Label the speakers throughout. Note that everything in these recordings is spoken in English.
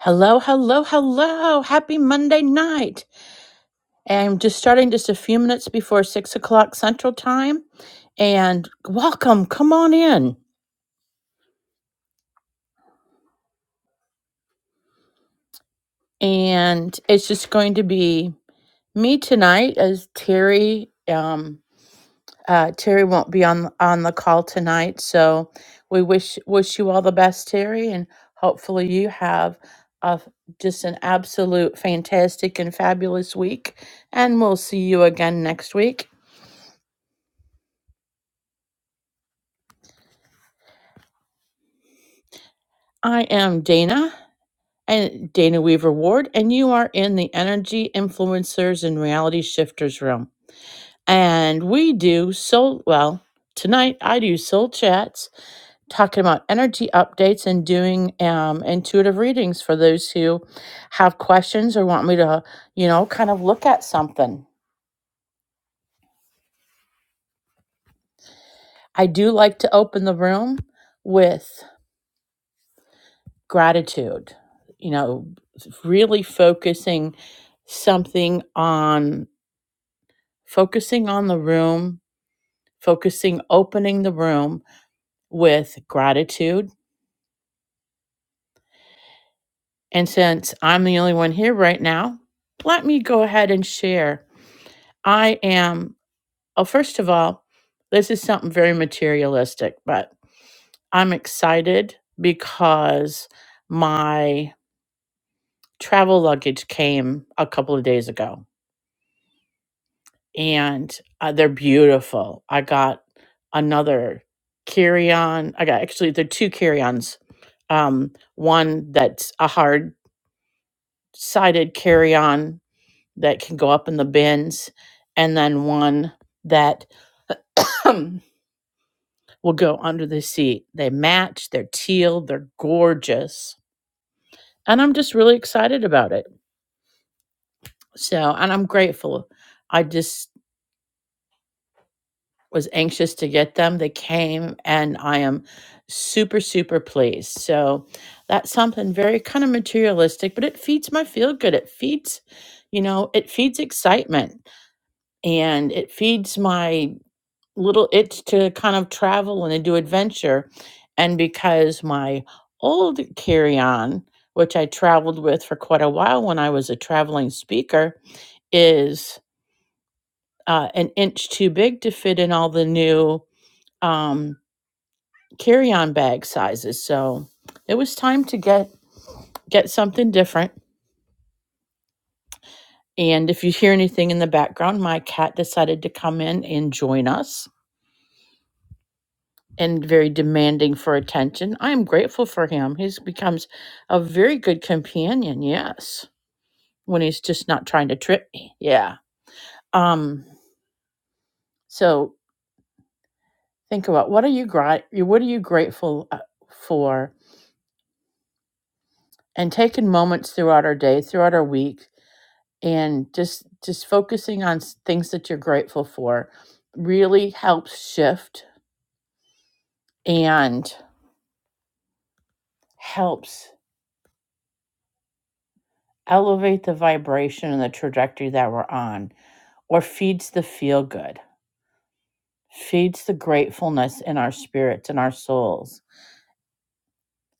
Speaker 1: Hello, hello, hello. Happy Monday night. I'm just starting just a few minutes before six o'clock Central Time. And welcome. Come on in. And it's just going to be me tonight as Terry. Um, uh, Terry won't be on on the call tonight, so we wish wish you all the best, Terry, and hopefully you have a, just an absolute fantastic and fabulous week. And we'll see you again next week. I am Dana and Dana Weaver Ward, and you are in the Energy Influencers and Reality Shifters room. And we do soul, well, tonight I do soul chats, talking about energy updates and doing um, intuitive readings for those who have questions or want me to, you know, kind of look at something. I do like to open the room with gratitude, you know, really focusing something on focusing on the room, focusing, opening the room with gratitude. And since I'm the only one here right now, let me go ahead and share. I am, oh, first of all, this is something very materialistic, but I'm excited because my travel luggage came a couple of days ago and uh, they're beautiful. I got another carry on. I got actually the two carry ons. Um, one that's a hard sided carry on that can go up in the bins, and then one that will go under the seat. They match, they're teal, they're gorgeous. And I'm just really excited about it. So, and I'm grateful. I just was anxious to get them. They came, and I am super, super pleased. So that's something very kind of materialistic, but it feeds my feel good. It feeds, you know, it feeds excitement and it feeds my little itch to kind of travel and to do adventure. And because my old carry on, which I traveled with for quite a while when I was a traveling speaker, is uh, an inch too big to fit in all the new. Um, carry-on bag sizes. So it was time to get get something different. And if you hear anything in the background, my cat decided to come in and join us and very demanding for attention. I am grateful for him. He's becomes a very good companion, yes. When he's just not trying to trip me. Yeah. Um so think about what are you gri- what are you grateful uh, for and taking moments throughout our day, throughout our week and just just focusing on s- things that you're grateful for really helps shift and helps elevate the vibration and the trajectory that we're on or feeds the feel good feeds the gratefulness in our spirits and our souls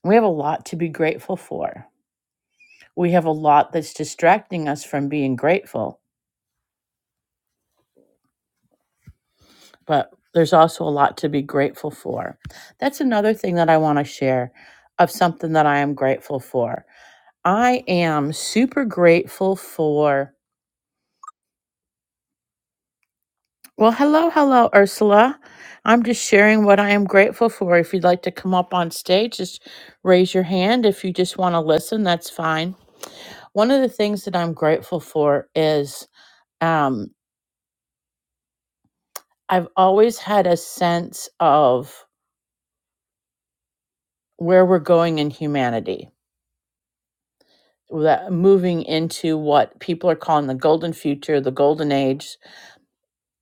Speaker 1: we have a lot to be grateful for we have a lot that's distracting us from being grateful but there's also a lot to be grateful for that's another thing that i want to share of something that i am grateful for I am super grateful for. Well, hello, hello, Ursula. I'm just sharing what I am grateful for. If you'd like to come up on stage, just raise your hand. If you just want to listen, that's fine. One of the things that I'm grateful for is um, I've always had a sense of where we're going in humanity, that moving into what people are calling the golden future, the golden age.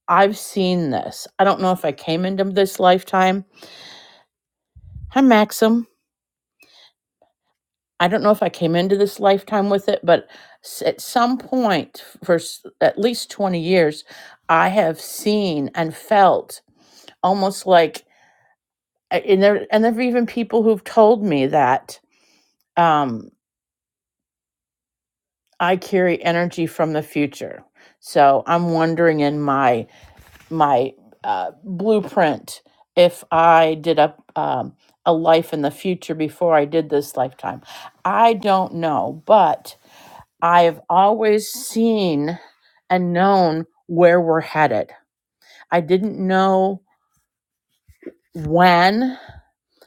Speaker 1: I've seen this. I don't know if I came into this lifetime Hi, Maxim. I don't know if I came into this lifetime with it, but s- at some point for s- at least 20 years, I have seen and felt almost like, and there, and there have even people who've told me that um, I carry energy from the future. So I'm wondering in my my uh, blueprint if I did a um, a life in the future before I did this lifetime. I don't know, but I've always seen and known where we're headed. I didn't know when,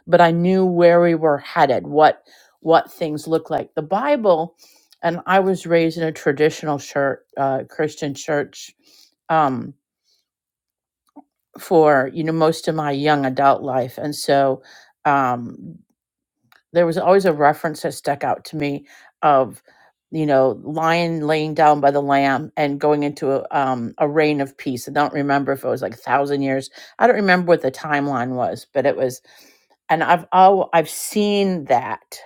Speaker 1: but I knew where we were headed, what what things look like. The Bible, and I was raised in a traditional church, uh, Christian church, um, for you know most of my young adult life, and so. Um, there was always a reference that stuck out to me of you know lion laying down by the lamb and going into a, um, a reign of peace i don't remember if it was like a thousand years i don't remember what the timeline was but it was and i've oh i've seen that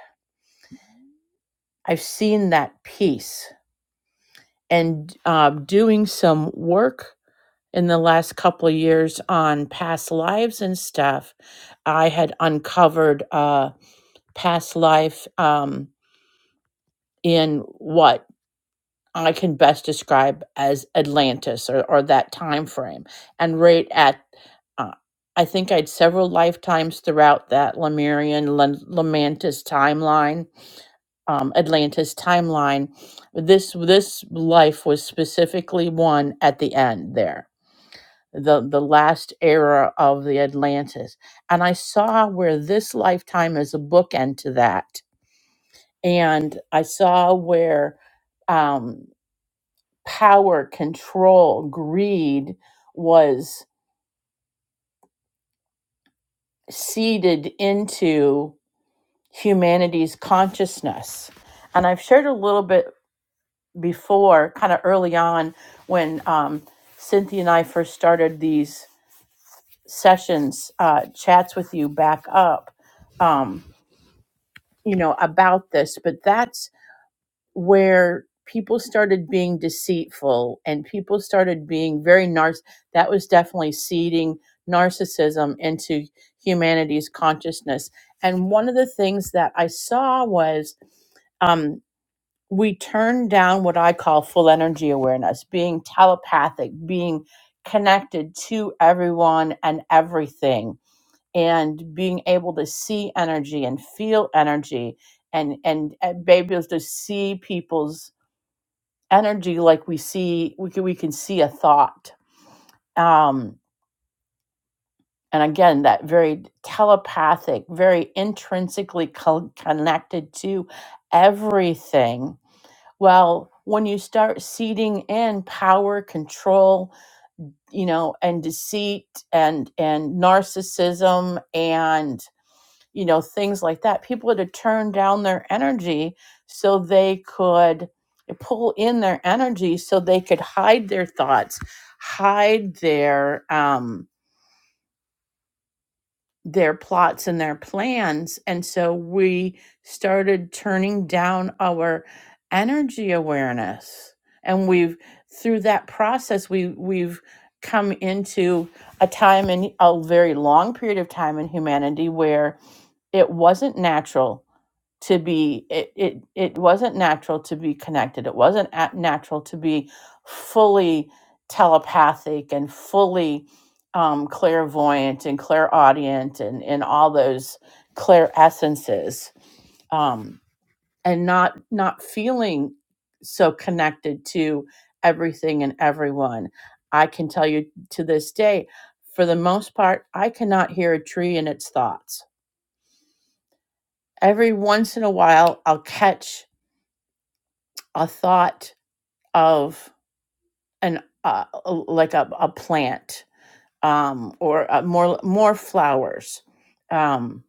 Speaker 1: i've seen that piece and um, doing some work in the last couple of years on past lives and stuff i had uncovered uh past life um in what I can best describe as Atlantis or, or that time frame, and right at uh, I think I had several lifetimes throughout that Lemurian Lam- Lamantis timeline, um, Atlantis timeline. This this life was specifically one at the end there, the the last era of the Atlantis, and I saw where this lifetime is a bookend to that, and I saw where. Um, power, control, greed was seeded into humanity's consciousness. And I've shared a little bit before, kind of early on, when um, Cynthia and I first started these sessions, uh, chats with you back up, um, you know, about this. But that's where people started being deceitful and people started being very narc that was definitely seeding narcissism into humanity's consciousness and one of the things that i saw was um, we turned down what i call full energy awareness being telepathic being connected to everyone and everything and being able to see energy and feel energy and and, and be able to see people's energy like we see we can, we can see a thought um and again that very telepathic very intrinsically co- connected to everything well when you start seeding in power control you know and deceit and and narcissism and. you know, things like that. People had to turn down their energy so they could pull in their energy so they could hide their thoughts, hide their um their plots and their plans. And so we started turning down our energy awareness. And we've through that process we we've come into a time in a very long period of time in humanity where it wasn't natural to be it it, it wasn't natural to be connected it wasn't at natural to be fully telepathic and fully um, clairvoyant and clairaudient and and all those clair essences um, and not not feeling so connected to everything and everyone i can tell you to this day for the most part i cannot hear a tree in its thoughts every once in a while i'll catch a thought of an uh, like a, a plant um, or uh, more more flowers um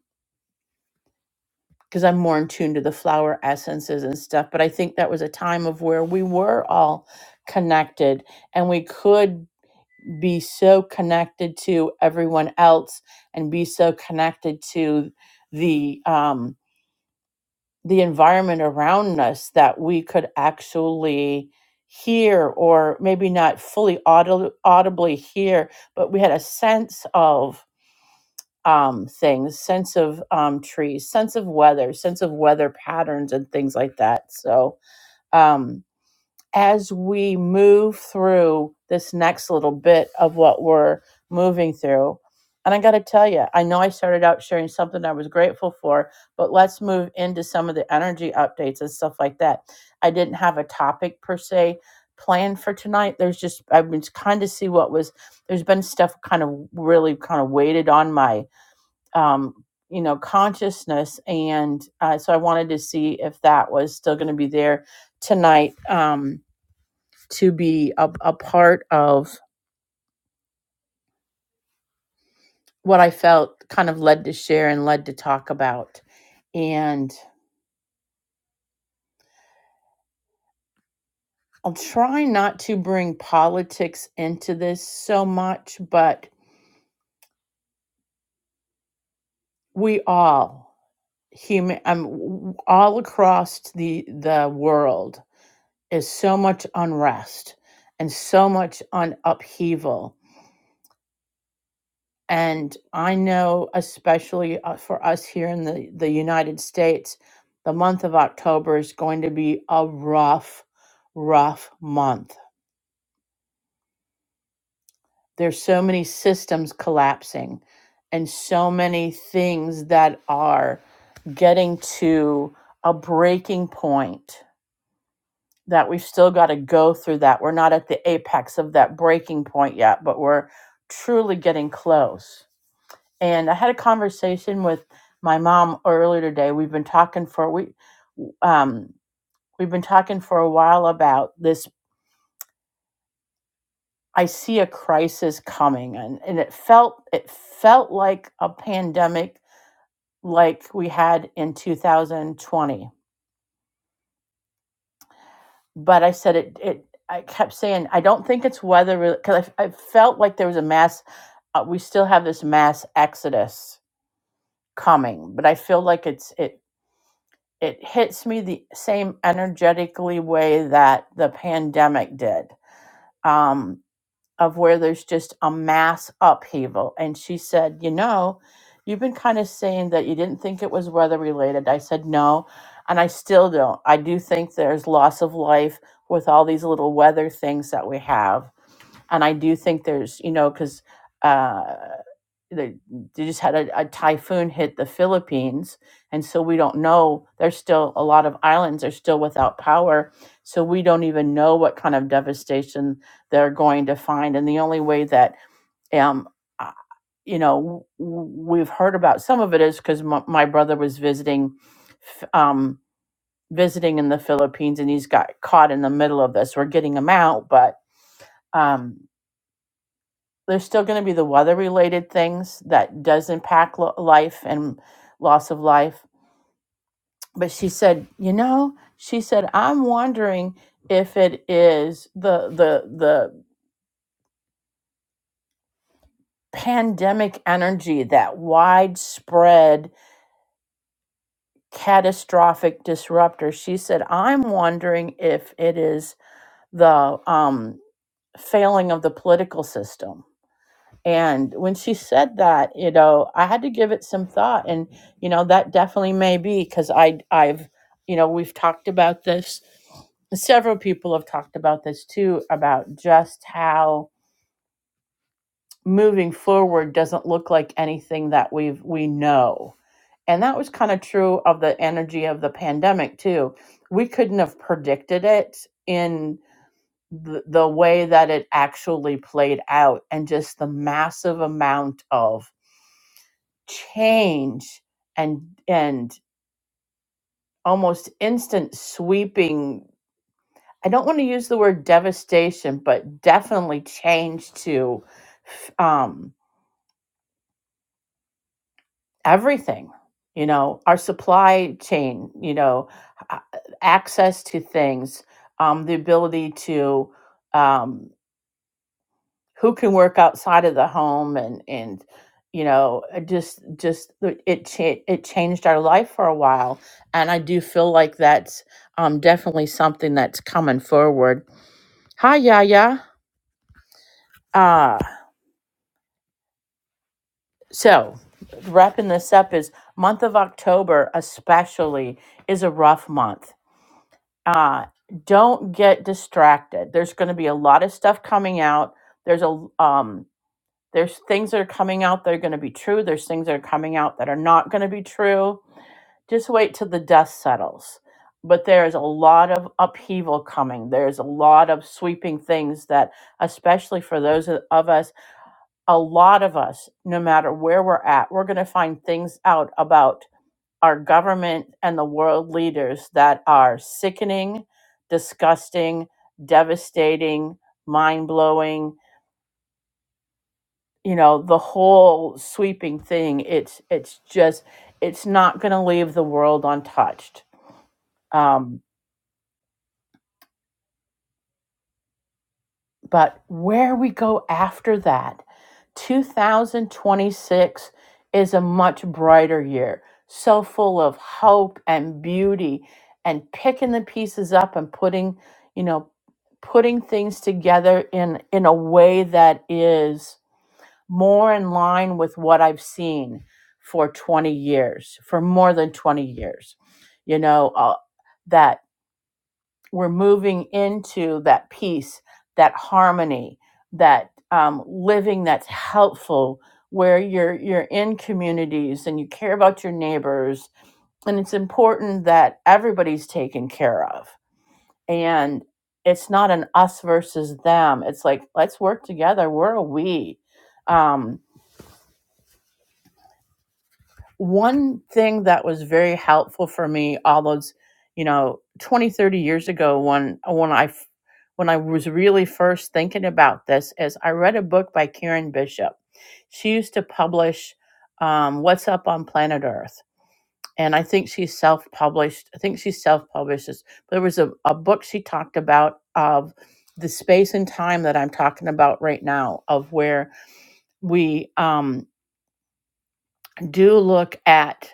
Speaker 1: because I'm more in tune to the flower essences and stuff. But I think that was a time of where we were all connected and we could be so connected to everyone else and be so connected to the um, the environment around us that we could actually hear or maybe not fully audi- audibly hear but we had a sense of um, things sense of um, trees sense of weather sense of weather patterns and things like that so um, as we move through this next little bit of what we're moving through. And I got to tell you, I know I started out sharing something I was grateful for, but let's move into some of the energy updates and stuff like that. I didn't have a topic per se planned for tonight. There's just, I was kind of see what was, there's been stuff kind of really kind of weighted on my, um, you know, consciousness. And uh, so I wanted to see if that was still going to be there tonight. Um, to be a, a part of what I felt kind of led to share and led to talk about. And I'll try not to bring politics into this so much, but we all human um, all across the the world is so much unrest and so much on upheaval And I know, especially uh, for us here in the, the United States, the month of October is going to be a rough, rough month. There's so many systems collapsing and so many things that are getting to a breaking point that we've still got to go through that. We're not at the apex of that breaking point yet, but we're truly getting close and I had a conversation with my mom earlier today. We've been talking for we, um, we've been talking for a while about this. I see a crisis coming, and and it felt it felt like a pandemic like we had in 2020. But I said it it. I kept saying I don't think it's weather because I, I felt like there was a mass. Uh, we still have this mass exodus coming, but I feel like it's it. it hits me the same energetically way that the pandemic did um, of where there's just a mass upheaval and she said you know you've been kind of saying that you didn't think it was weather related i said no and i still don't i do think there's loss of life with all these little weather things that we have and i do think there's you know because uh, they, they just had a, a typhoon hit the Philippines, and so we don't know. There's still a lot of islands are still without power, so we don't even know what kind of devastation they're going to find. And the only way that um uh, you know w- we've heard about some of it is because m- my brother was visiting f- um visiting in the Philippines and he's got caught in the middle of this. We're getting him out, but um there's still going to be the weather related things that does impact lo- life and loss of life but she said you know she said i'm wondering if it is the the the pandemic energy that widespread catastrophic disruptor she said i'm wondering if it is the um failing of the political system And when she said that, you know, I had to give it some thought. And, you know, that definitely may be because I, I've, you know, we've talked about this. Several people have talked about this too, about just how moving forward doesn't look like anything that we've, we know. And that was kind of true of the energy of the pandemic too. We couldn't have predicted it in the, the way that it actually played out and just the massive amount of change and and almost instant sweeping i don't want to use the word devastation but definitely change to um everything you know our supply chain you know a- access to things um the ability to um who can work outside of the home and and you know uh, just just it cha- it changed our life for a while and i do feel like that's um definitely something that's coming forward hi yaya uh so wrapping this up is month of october especially is a rough month uh don't get distracted there's going to be a lot of stuff coming out there's a um There's things that are coming out that are going to be true. There's things that are coming out that are not going to be true. Just wait till the dust settles. But there is a lot of upheaval coming. There's a lot of sweeping things that, especially for those of of us, a lot of us, no matter where we're at, we're going to find things out about our government and the world leaders that are sickening, disgusting, devastating, mind blowing, you know the whole sweeping thing it's it's just it's not going to leave the world untouched um, but where we go after that 2026 is a much brighter year so full of hope and beauty and picking the pieces up and putting you know putting things together in in a way that is more in line with what I've seen for 20 years, for more than 20 years. You know, uh, that we're moving into that peace, that harmony, that um, living that's helpful, where you're you're in communities and you care about your neighbors, and it's important that everybody's taken care of. And it's not an us versus them. It's like let's work together. We're a we. Um, one thing that was very helpful for me all those you know 20, 30 years ago when when I, when i was really first thinking about this is i read a book by karen bishop she used to publish um, what's up on planet earth and i think she self-published i think she self-published this there was a, a book she talked about of the space and time that i'm talking about right now of where we um, do look at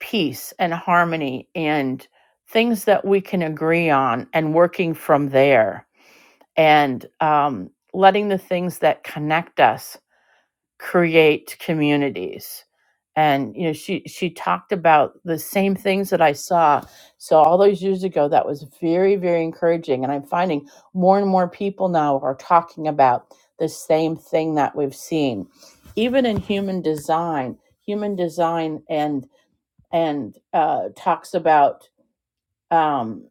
Speaker 1: peace and harmony and things that we can agree on and working from there and um, letting the things that connect us create communities and you know she she talked about the same things that i saw so all those years ago that was very very encouraging and i'm finding more and more people now are talking about the same thing that we've seen even in human design human design and and uh, talks about um,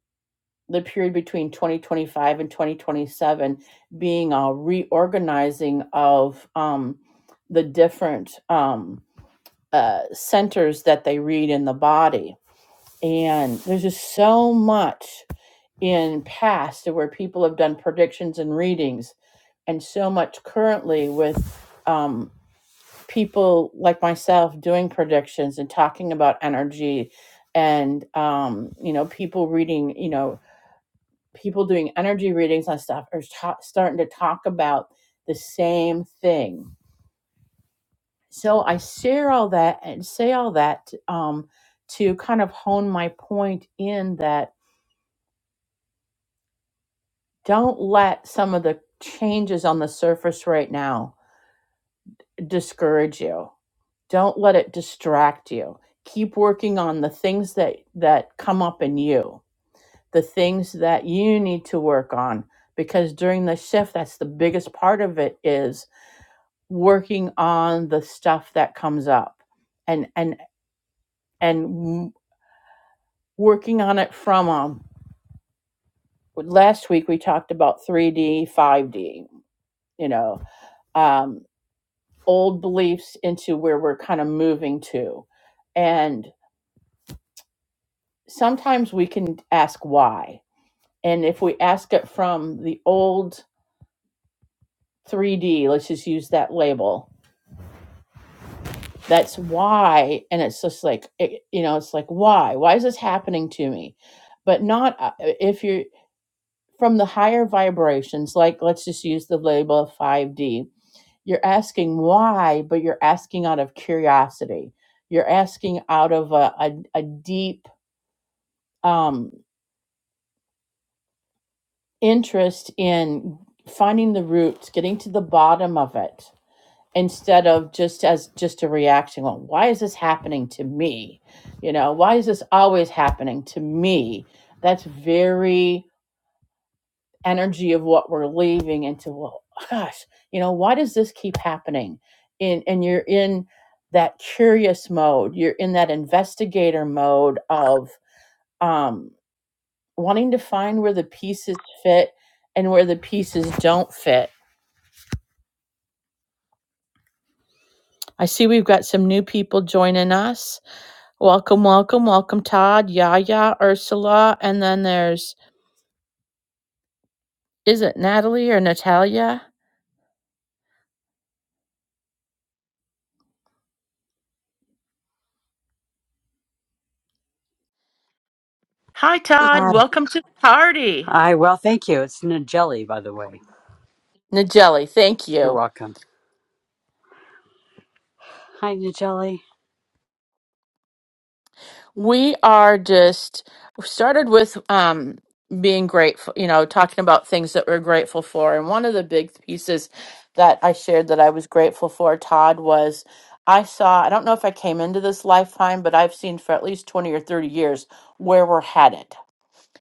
Speaker 1: the period between 2025 and 2027 being a reorganizing of um, the different um, uh, centers that they read in the body. And there's just so much in past where people have done predictions and readings, and so much currently with. um, people like myself doing predictions and talking about energy and um you know people reading you know people doing energy readings and stuff are ta- starting to talk about the same thing so i share all that and say all that um to kind of hone my point in that don't let some of the changes on the surface right now discourage you don't let it distract you keep working on the things that that come up in you the things that you need to work on because during the shift that's the biggest part of it is working on the stuff that comes up and and and working on it from um last week we talked about 3d 5d you know um old beliefs into where we're kind of moving to and sometimes we can ask why And if we ask it from the old 3D, let's just use that label. That's why. And it's just like, it, you know, it's like, why? Why is this happening to me? But not uh, if you're from the higher vibrations, like let's just use the label of 5D. You're asking why, but you're asking out of curiosity. You're asking out of a, a, a deep um, interest in finding the roots, getting to the bottom of it instead of just as just a reaction well why is this happening to me you know why is this always happening to me that's very energy of what we're leaving into well gosh you know why does this keep happening in and you're in that curious mode you're in that investigator mode of um wanting to find where the pieces fit and where the pieces don't fit i see we've got some new people joining us Welcome, welcome, welcome, Todd, Yaya, Ursula, and then there's, is it Natalie or Natalia? Hi, Todd.
Speaker 2: Hi.
Speaker 1: Welcome to the party.
Speaker 2: Hi. Well, thank you. It's Nigelli, by the way.
Speaker 1: Nigeli, thank
Speaker 2: You're
Speaker 1: you.
Speaker 2: welcome. Hi, Nigelli.
Speaker 1: We are just we started with um, being grateful, you know, talking about things that we're grateful for. And one of the big pieces that I shared that I was grateful for, Todd, was I saw, I don't know if I came into this lifetime, but I've seen for at least 20 or 30 years where we're headed.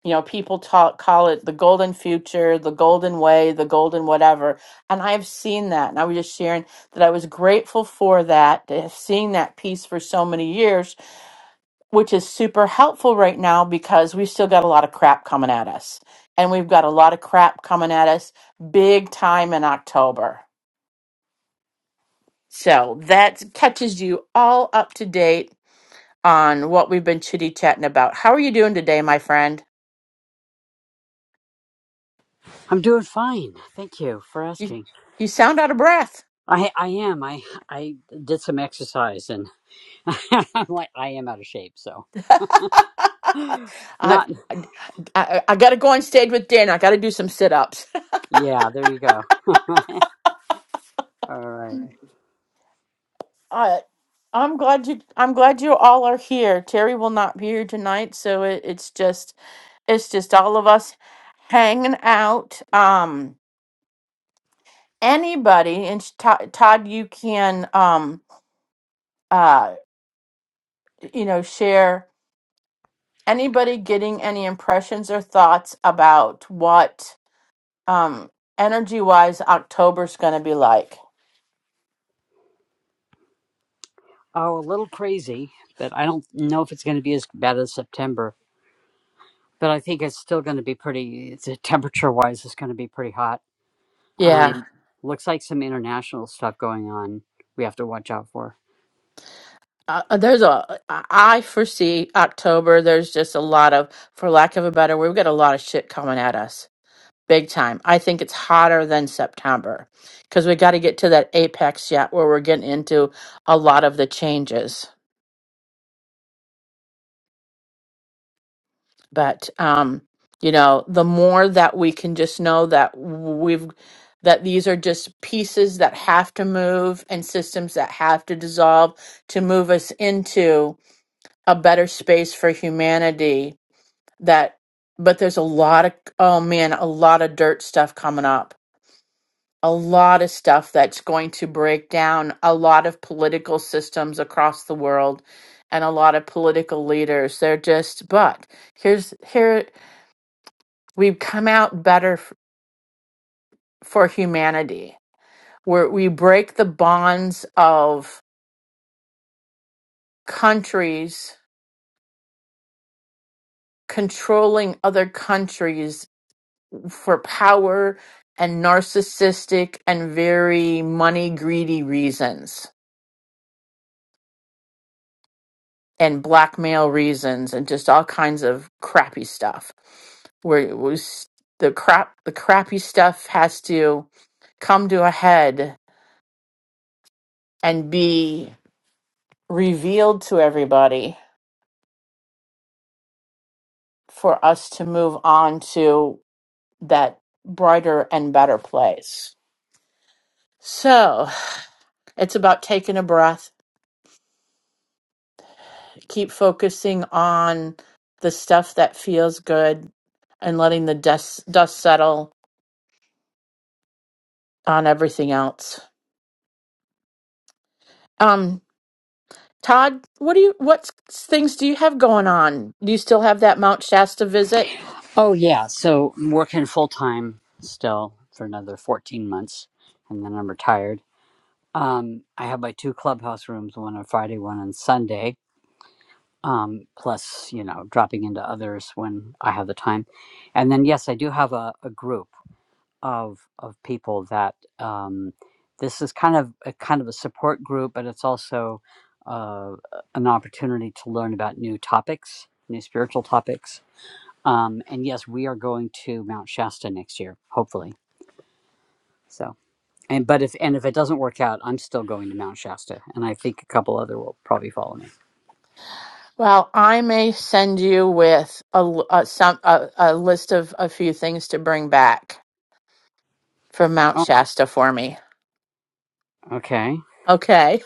Speaker 1: you know people talk call it the golden future the golden way the golden whatever and i've seen that and i was just sharing that i was grateful for that to have seen that piece for so many years which is super helpful right now because we've still got a lot of crap coming at us and we've got a lot of crap coming at us big time in october so that catches you all up to date on what we've been chitty chatting about how are you doing today my friend
Speaker 2: I'm doing fine. Thank you for
Speaker 1: you,
Speaker 2: asking.
Speaker 1: you sound out of breath
Speaker 2: I I am. I I did some exercise and I'm like I am out of shape. So
Speaker 1: I
Speaker 2: not.
Speaker 1: I, I, got to go on stage with Dan. I got to do some sit ups.
Speaker 2: Yeah. There you go. All right.
Speaker 1: I I'm glad you I'm glad you all are here. Terry will not be here tonight, so it, it's just it's just all of us hanging out. Um, anybody and sh- To- Todd, you can um uh you know share anybody getting any impressions or thoughts about what um energy wise October's going to be like.
Speaker 2: Oh, a little crazy, but I don't know if it's going to be as bad as September. But I think it's still going to be pretty. It's temperature wise, it's going to be pretty hot. Um, Yeah. looks like some international stuff going on. We have to watch out for.
Speaker 1: uh, uh, there's a I foresee october there's just a lot of for lack of a better we've got a lot of shit coming at us big time i think it's hotter than september because we got to get to that apex yet where we're getting into a lot of the changes but um you know the more that we can just know that we've that these are just pieces that have to move and systems that have to dissolve to move us into a better space for humanity that but there's a lot of oh man a lot of dirt stuff coming up a lot of stuff that's going to break down a lot of political systems across the world and a lot of political leaders they're just but here's here we've come out better f- for humanity where we break the bonds of countries controlling other countries for power and narcissistic and very money greedy reasons and blackmail reasons and just all kinds of crappy stuff where it was the crap the crappy stuff has to come to a head and be revealed to everybody for us to move on to that brighter and better place so it's about taking a breath keep focusing on the stuff that feels good and letting the dust dust settle on everything else. Um, Todd, what do you what s- things do you have going on? Do you still have that Mount Shasta visit?
Speaker 2: Oh yeah, so I'm working full time still for another 14 months, and then I'm retired. Um, I have my two clubhouse rooms, one on Friday, one on Sunday. Um, plus, you know, dropping into others when I have the time, and then yes, I do have a, a group of of people that um, this is kind of a kind of a support group, but it's also uh, an opportunity to learn about new topics, new spiritual topics um, and yes, we are going to Mount Shasta next year, hopefully. So, and but if and if it doesn't work out, I'm still going to Mount Shasta, and I think a couple other will probably follow me.
Speaker 1: Well, I may send you with a, l- a some a, a list of a few things to bring back. from Mount
Speaker 2: Oh,
Speaker 1: Shasta for me.
Speaker 2: okay.
Speaker 1: Okay,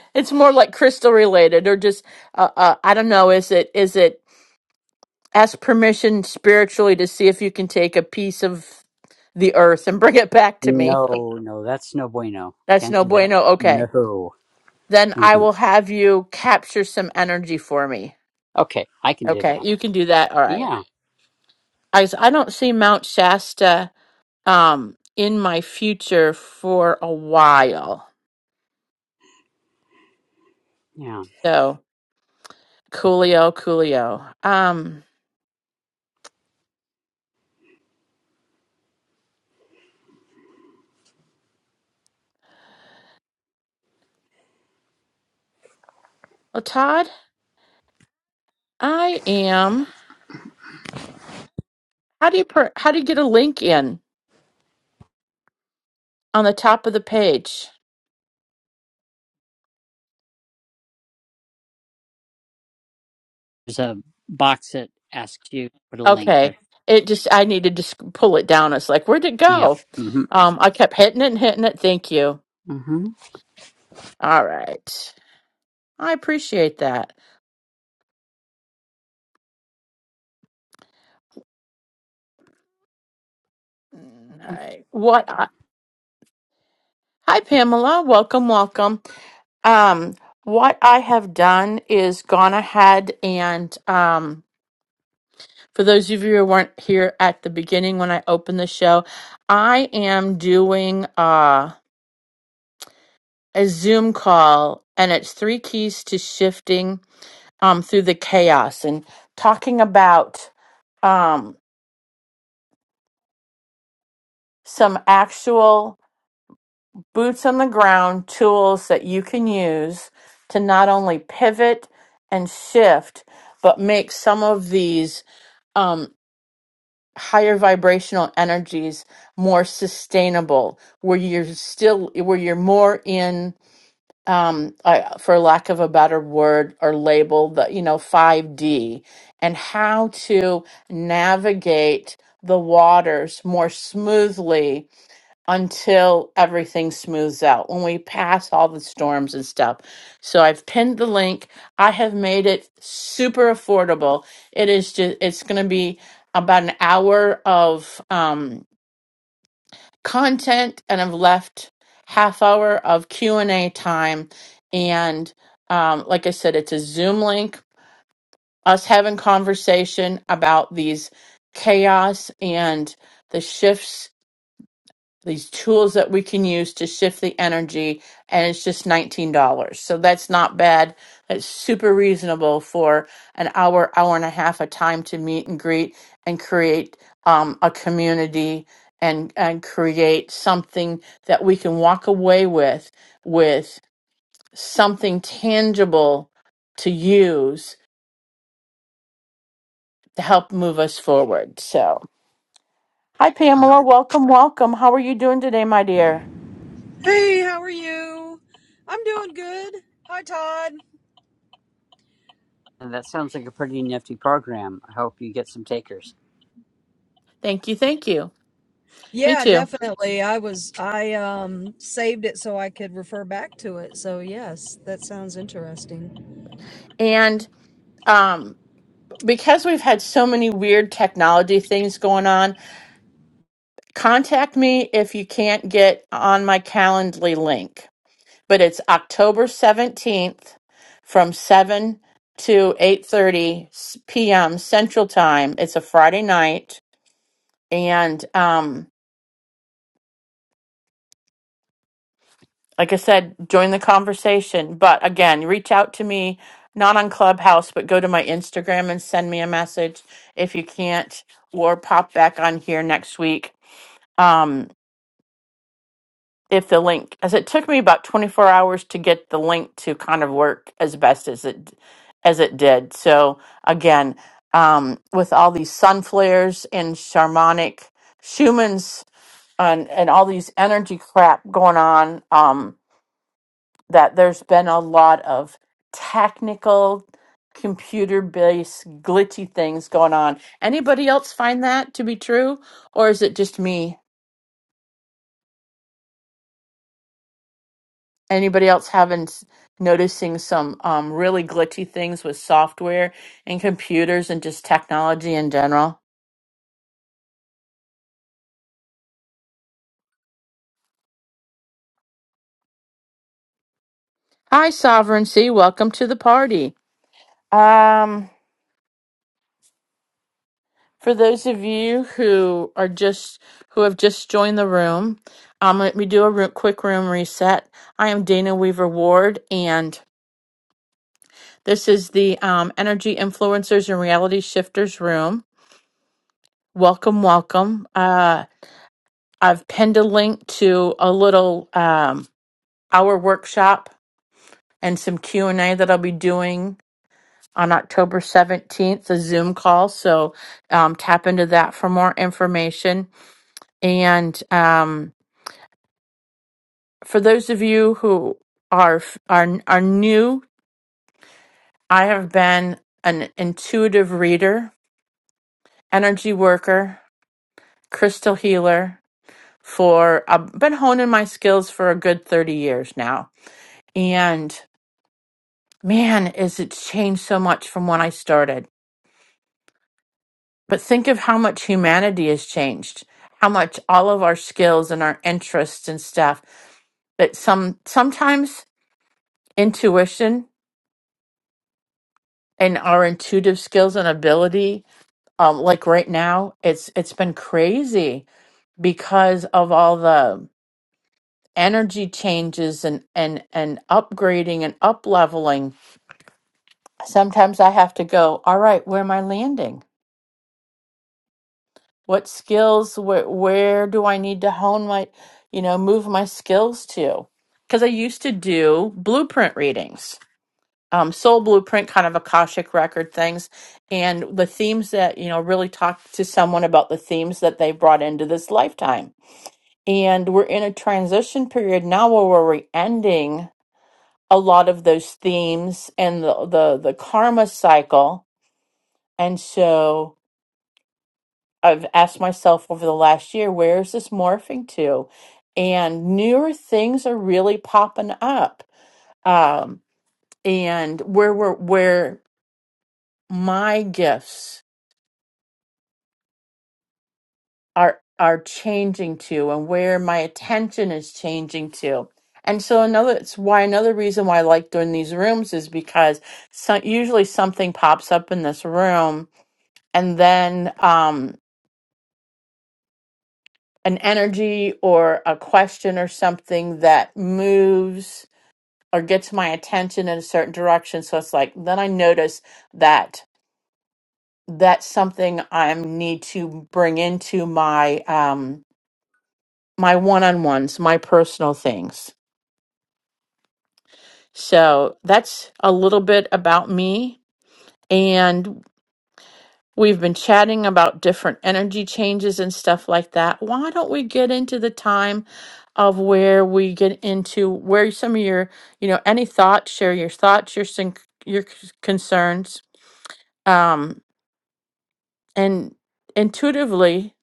Speaker 1: it's more like crystal related, or just uh, uh, I don't know. Is it is it ask permission spiritually to see if you can take a piece of the earth and bring it back to me?
Speaker 2: No, no, that's no bueno.
Speaker 1: That's
Speaker 2: Can't
Speaker 1: no
Speaker 2: do that.
Speaker 1: bueno. Okay,
Speaker 2: No.
Speaker 1: then I
Speaker 2: Mhm.
Speaker 1: will have you capture some energy for me.
Speaker 2: Okay, I can do
Speaker 1: Okay,
Speaker 2: that.
Speaker 1: you can do that. All right.
Speaker 2: Yeah,
Speaker 1: I s- I don't see Mount Shasta um in my future for a while.
Speaker 2: yeah.
Speaker 1: So coolio, coolio. Um. Well, Todd. I am. How do you per, how do you get a link in on the top of the page?
Speaker 2: There's a box that asks you to put a link
Speaker 1: Okay.
Speaker 2: there.
Speaker 1: It just I needed to sc- pull it down. It's like, where'd it
Speaker 2: Yeah.
Speaker 1: go?
Speaker 2: hmm
Speaker 1: Um, I kept hitting it and hitting it. Thank you.
Speaker 2: hmm
Speaker 1: All right. I appreciate that. Mm, All right. What I, Hi Pamela. Welcome, welcome. Um, what I have done is gone ahead and um for those of you who weren't here at the beginning when I opened the show, I am doing uh, a Zoom call, and it's three keys to shifting um, through the chaos and talking about um, some actual boots on the ground tools that you can use to not only pivot and shift, but make some of these um, higher vibrational energies more sustainable, where you're still, where you're more in um I, for lack of a better word or label the you know 5D and how to navigate the waters more smoothly until everything smooths out when we pass all the storms and stuff. So I've pinned the link. I have made it super affordable. It is just it's going to be about an hour of um content and I've left half hour of Q&A time and um, like I said it's a Zoom link us having conversation about these chaos and the shifts these tools that we can use to shift the energy and it's just $19 so that's not bad that's super reasonable for an hour hour and a half of time to meet and greet and create um, a community and and create something that we can walk away with with something tangible to use to help move us forward so hi pamela welcome welcome how are you doing today my dear
Speaker 3: Hey, how are you? I'm doing good. Hi, Todd.
Speaker 2: And that sounds like a pretty nifty program. I hope you get some takers.
Speaker 1: thank you thank you me
Speaker 3: Yeah,
Speaker 1: too
Speaker 3: definitely. I was I um saved it so I could refer back to it. So yes, that sounds interesting.
Speaker 1: And um, because we've had so many weird technology things going on, contact me if you can't get on my Calendly link. But it's October 17th from 7 to eight thirty p.m. Central Time. It's a Friday night and um like I said, join the conversation. But again, reach out to me, not on Clubhouse, but go to my Instagram and send me a message if you can't, or pop back on here next week. Um, if the link, as it took me about 24 hours to get the link to kind of work as best as it as it did. So again, um, with all these sun flares and shamanic Schumann's and, and all these energy crap going on, um, that there's been a lot of technical computer based glitchy things going on. Anybody else find that to be true or is it just me? Anybody else having s- noticing some um, really glitchy things with software and computers and just technology in general? Hi sovereignty, welcome to the party. Um For those of you who are just who have just joined the room, um, let me do a ro- quick room reset. I am Dana Weaver Ward, and this is the um, Energy Influencers and Reality Shifters room. Welcome, welcome. Uh, I've pinned a link to a little um, hour workshop and some Q and A that I'll be doing on October seventeenth, a Zoom call. So um, tap into that for more information and. Um, for those of you who are are are new, I have been an intuitive reader, energy worker, crystal healer for I've been honing my skills for a good 30 years now. And man, is it changed so much from when I started. But think of how much humanity has changed. How much all of our skills and our interests and stuff that some sometimes intuition and our intuitive skills and ability um like right now it's it's been crazy because of all the energy changes and and and upgrading and up leveling sometimes i have to go all right where am i landing what skills where where do i need to hone my you know move my skills to because i used to do blueprint readings um, soul blueprint kind of akashic record things and the themes that you know really talk to someone about the themes that they brought into this lifetime And we're in a transition period now where we're ending a lot of those themes and the, the, the karma cycle. And so I've asked myself over the last year, where is this morphing to? And newer things are really popping up. Um, and where we're, where my gifts are are changing to and where my attention is changing to. And so another it's why another reason why I like doing these rooms is because so, usually something pops up in this room and then um an energy or a question or something that moves or gets my attention in a certain direction so it's like then I notice that that's something I need to bring into my um my one-on-ones, my personal things So that's a little bit about me. And we've been chatting about different energy changes and stuff like that. Why don't we get into the time of where we get into where some of your, you know, any thoughts, share your thoughts, your sync, your c- concerns, um, and intuitively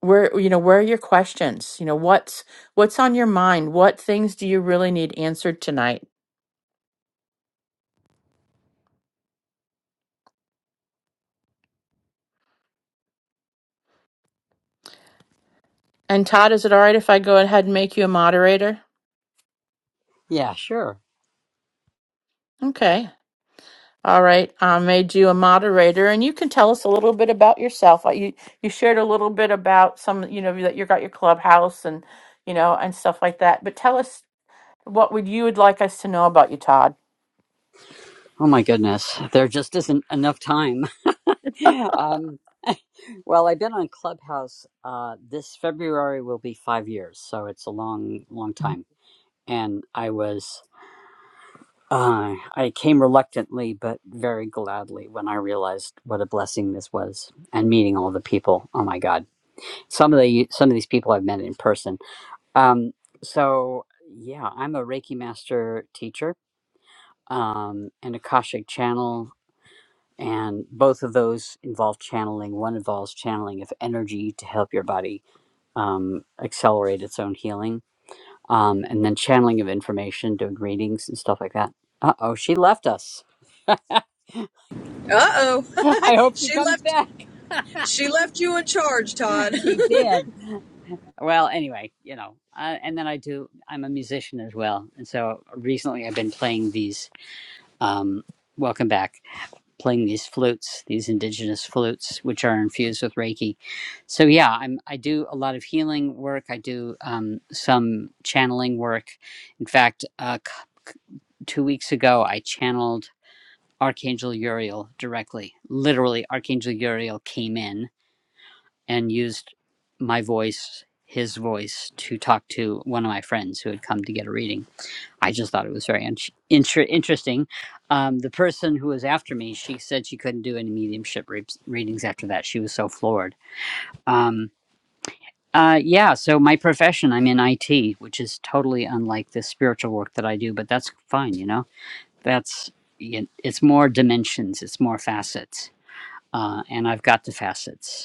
Speaker 1: where you know where are your questions you know what's what's on your mind what things do you really need answered tonight and todd is it all right if i go ahead and make you a moderator
Speaker 2: Yeah, sure.
Speaker 1: Okay. All right. I made you a moderator, and you can tell us a little bit about yourself. Uh, You you shared a little bit about some, you know, that you got your clubhouse and you know and stuff like that. But tell us what would you would like us to know about you, Todd?
Speaker 2: Oh my goodness, there just isn't enough time. um, well, I've been on Clubhouse. Uh, this February will be five years, so it's a long, long time. And I was, uh, I came reluctantly, but very gladly when I realized what a blessing this was, and meeting all the people. Oh my God, some of the some of these people I've met in person. Um, so yeah, I'm a Reiki master teacher, um, an Akashic channel and both of those involve channeling one involves channeling of energy to help your body um, accelerate its own healing um, and then channeling of information doing readings and stuff like that uh-oh she left us i
Speaker 3: Uh-oh.
Speaker 2: hope she
Speaker 3: she
Speaker 2: comes
Speaker 3: left
Speaker 2: back
Speaker 3: she left you in charge, Todd.
Speaker 2: she did well anyway you know uh, and then i do i'm a musician as well and so recently i've been playing these um, welcome back playing these flutes, these indigenous flutes, which are infused with Reiki. So yeah, I'm I do a lot of healing work. I do um, some channeling work. In fact, uh, two weeks ago, I channeled Archangel Uriel directly. Literally, Archangel Uriel came in and used my voice, his voice, to talk to one of my friends who had come to get a reading. I just thought it was very in- inter- interesting. Um, the person who was after me, she said she couldn't do any mediumship re- readings after that. She was so floored. Um, uh, yeah, so my profession, I'm in IT, which is totally unlike the spiritual work that I do, but that's fine, you know? That's, y- it's more dimensions, it's more facets. Uh, and I've got the facets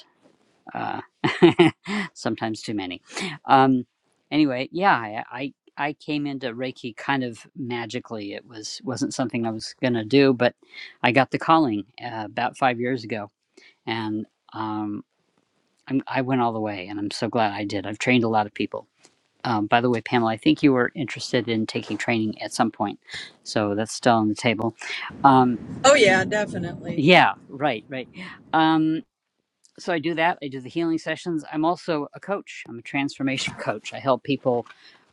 Speaker 2: uh, sometimes too many. Um, anyway, yeah, I, I I came into Reiki kind of magically. It was wasn't something I was gonna do, but I got the calling uh, about five years ago, and um, I'm, I went all the way, and I'm so glad I did. I've trained a lot of people. Um, by the way, Pamela, I think you were interested in taking training at some point, so that's still on the table. Um,
Speaker 3: oh yeah, definitely.
Speaker 2: yeah, right, right. Um, so I do that. I do the healing sessions. I'm also a coach. I'm a transformation coach. I help people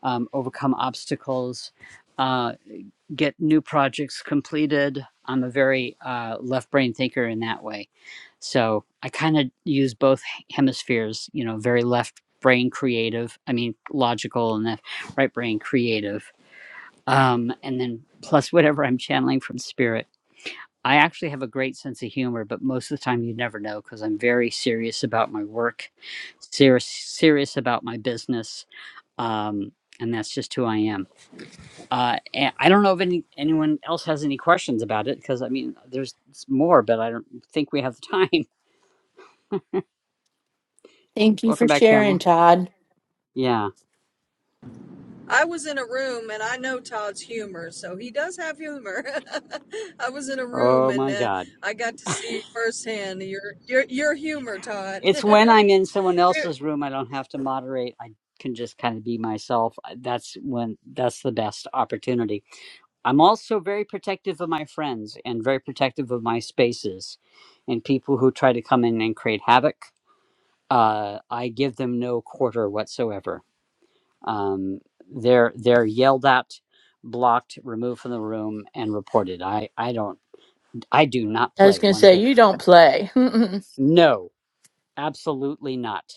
Speaker 2: um, overcome obstacles, uh, get new projects completed. I'm a very uh, left brain thinker in that way. So I kind of use both hemispheres, you know, very left brain creative, I mean, logical, and the right brain creative. Um, and then plus whatever I'm channeling from spirit. I actually have a great sense of humor, but most of the time you never know because I'm very serious about my work, serious serious about my business, um, and that's just who I am. Uh, and I don't know if any anyone else has any questions about it because I mean, there's s- more, but I don't think we have the time.
Speaker 1: Thank you for
Speaker 2: Welcome back,
Speaker 1: sharing,
Speaker 2: Pamela.
Speaker 1: Todd.
Speaker 2: Yeah.
Speaker 3: I was in a room and I know Todd's humor, so he does have humor. I was in a room
Speaker 2: Oh
Speaker 3: and
Speaker 2: my
Speaker 3: uh,
Speaker 2: God.
Speaker 3: I got to see firsthand your your your humor, Todd.
Speaker 2: It's when I'm in someone
Speaker 3: You're,
Speaker 2: else's room, I don't have to moderate. I can just kind of be myself. I- That's when that's the best opportunity I'm also very protective of my friends and very protective of my spaces and people who try to come in and create havoc. Uh, I give them no quarter whatsoever. Um, they're they're yelled at, blocked, removed from the room, and reported. I I don't I do not
Speaker 1: I was
Speaker 2: play
Speaker 1: gonna
Speaker 2: one
Speaker 1: say
Speaker 2: bit.
Speaker 1: you don't play.
Speaker 2: No, absolutely not.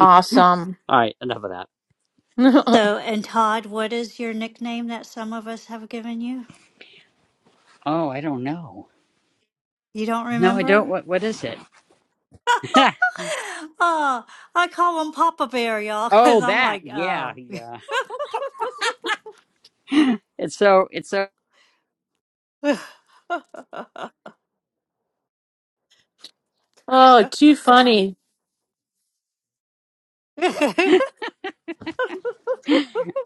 Speaker 1: awesome.
Speaker 2: All right, enough of that.
Speaker 4: So,
Speaker 1: oh,
Speaker 4: and Todd, what is your nickname that some of us have given you?
Speaker 2: Oh, I don't know.
Speaker 4: You don't
Speaker 2: No, I don't.
Speaker 4: remember?
Speaker 2: What what is it?
Speaker 4: Oh, I call him Papa Bear, y'all, because
Speaker 2: oh,
Speaker 4: I'm
Speaker 2: that.
Speaker 4: like,
Speaker 2: Yeah,
Speaker 4: oh.
Speaker 2: yeah. It's so it's so.
Speaker 1: too funny.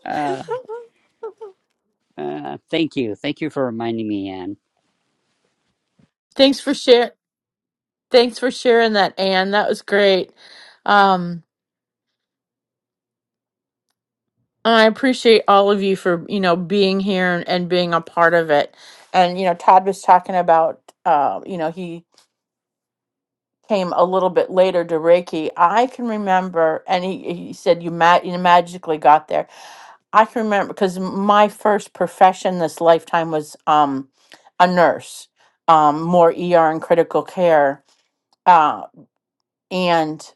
Speaker 2: Uh, Uh, thank you. Thank you for reminding me, Anne.
Speaker 1: Thanks for share. Thanks for sharing that, Anne. That was great. Um, I appreciate all of you for, you know, being here and, and being a part of it. And, you know, Todd was talking about, uh, you know, he came a little bit later to Reiki. I can remember, and he, he said, you, ma- you magically got there. I can remember because my first profession this lifetime was um, a nurse, um, more ER and critical care. Uh, and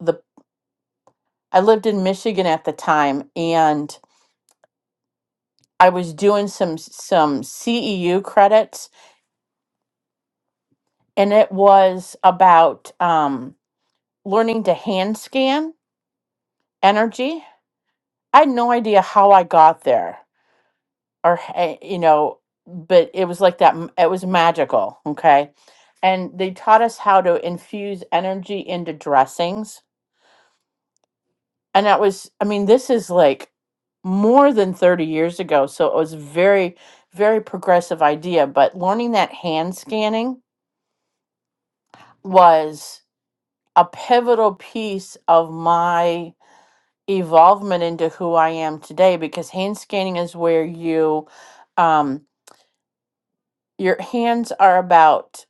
Speaker 1: the I lived in Michigan at the time, and I was doing some some CEU credits and it was about um, learning to hand scan energy. I had no idea how I got there, or h- eh, you know, but it was like that. m- It was magical. Okay, and they taught us how to infuse energy into dressings, and that was. I mean, this is like more than thirty years ago, so it was very, very progressive idea. But learning that hand scanning was a pivotal piece of my evolvement into who I am today because hand scanning is where you um your hands are about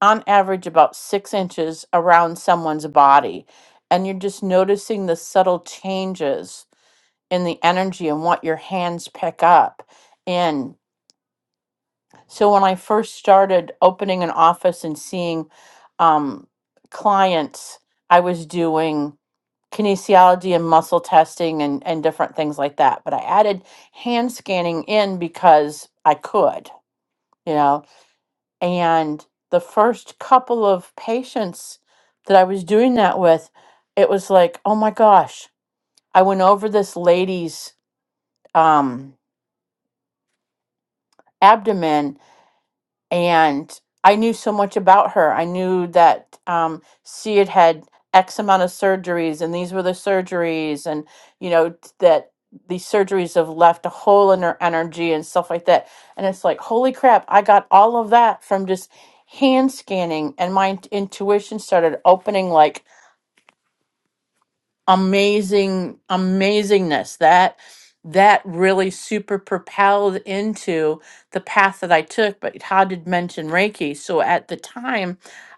Speaker 1: on average about six inches around someone's body and you're just noticing the subtle changes in the energy and what your hands pick up And so when I first started opening an office and seeing um clients I was doing kinesiology and muscle testing and, and different things like that. But I added hand scanning in because I could, you know. And the first couple of patients that I was doing that with, it was like, oh my gosh, I went over this lady's um, abdomen and I knew so much about her. I knew that um, she had had X amount of surgeries, and these were the surgeries, and you know t- that these surgeries have left a hole in her energy and stuff like that. And it's like, holy crap! I got all of that from just hand scanning, and my int- intuition started opening like amazing amazingness that that really super propelled into the path that I took but how did mention reiki so at the time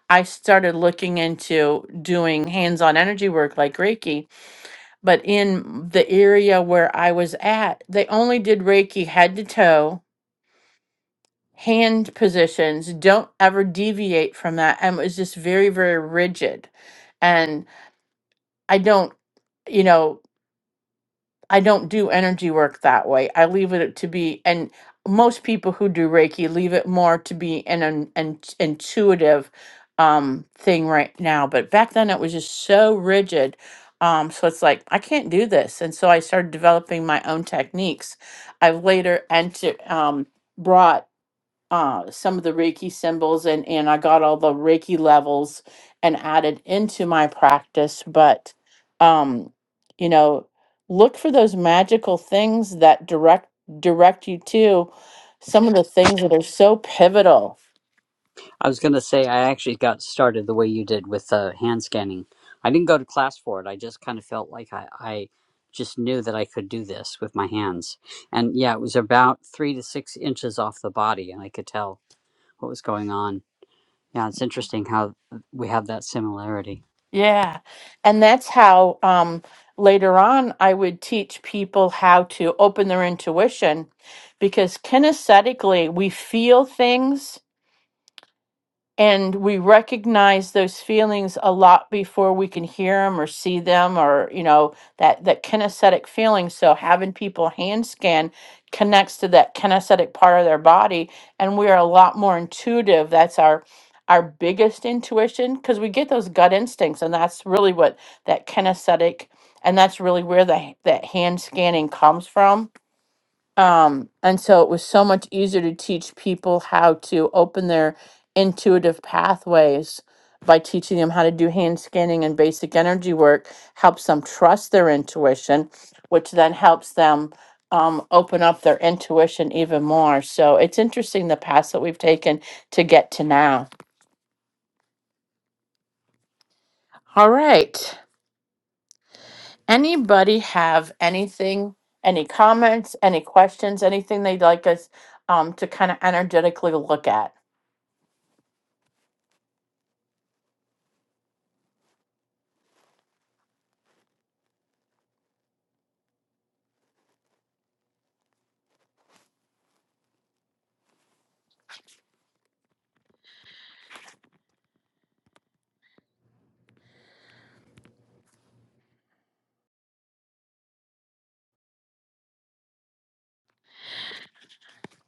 Speaker 1: I started looking into doing hands-on energy work like reiki but in the area where I was at they only did reiki head to toe hand positions don't ever deviate from that and it was just very very rigid and I don't you know I don't do energy work that way. I leave it to be, and most people who do Reiki leave it more to be an, an, an intuitive um, thing right now. But back then it was just so rigid. Um, so it's like, I can't do this. And so I started developing my own techniques. I've later entered. Um, brought uh, some of the Reiki symbols and, and I got all the Reiki levels and added into my practice. But, um, you know, look for those magical things that direct direct you to some of the things that are so pivotal.
Speaker 2: I was going to say, I actually got started the way you did with uh, hand scanning. I didn't go to class for it. I just kind of felt like I, I just knew that I could do this with my hands. And yeah, it was about three to six inches off the body, and I could tell what was going on. Yeah, it's interesting how we have that similarity.
Speaker 1: Yeah. And that's how um, later on I would teach people how to open their intuition because kinesthetically we feel things and we recognize those feelings a lot before we can hear them or see them or you know that that kinesthetic feeling so having people hand scan connects to that kinesthetic part of their body and we are a lot more intuitive that's our our biggest intuition because we get those gut instincts and that's really what that kinesthetic and that's really where the, that hand scanning comes from um, and so it was so much easier to teach people how to open their intuitive pathways by teaching them how to do hand scanning and basic energy work, helps them trust their intuition, which then helps them um, open up their intuition even more. So it's interesting the paths that we've taken to get to now. All right. Anybody have anything, any comments, any questions, anything they'd like us um, to kind of energetically look at?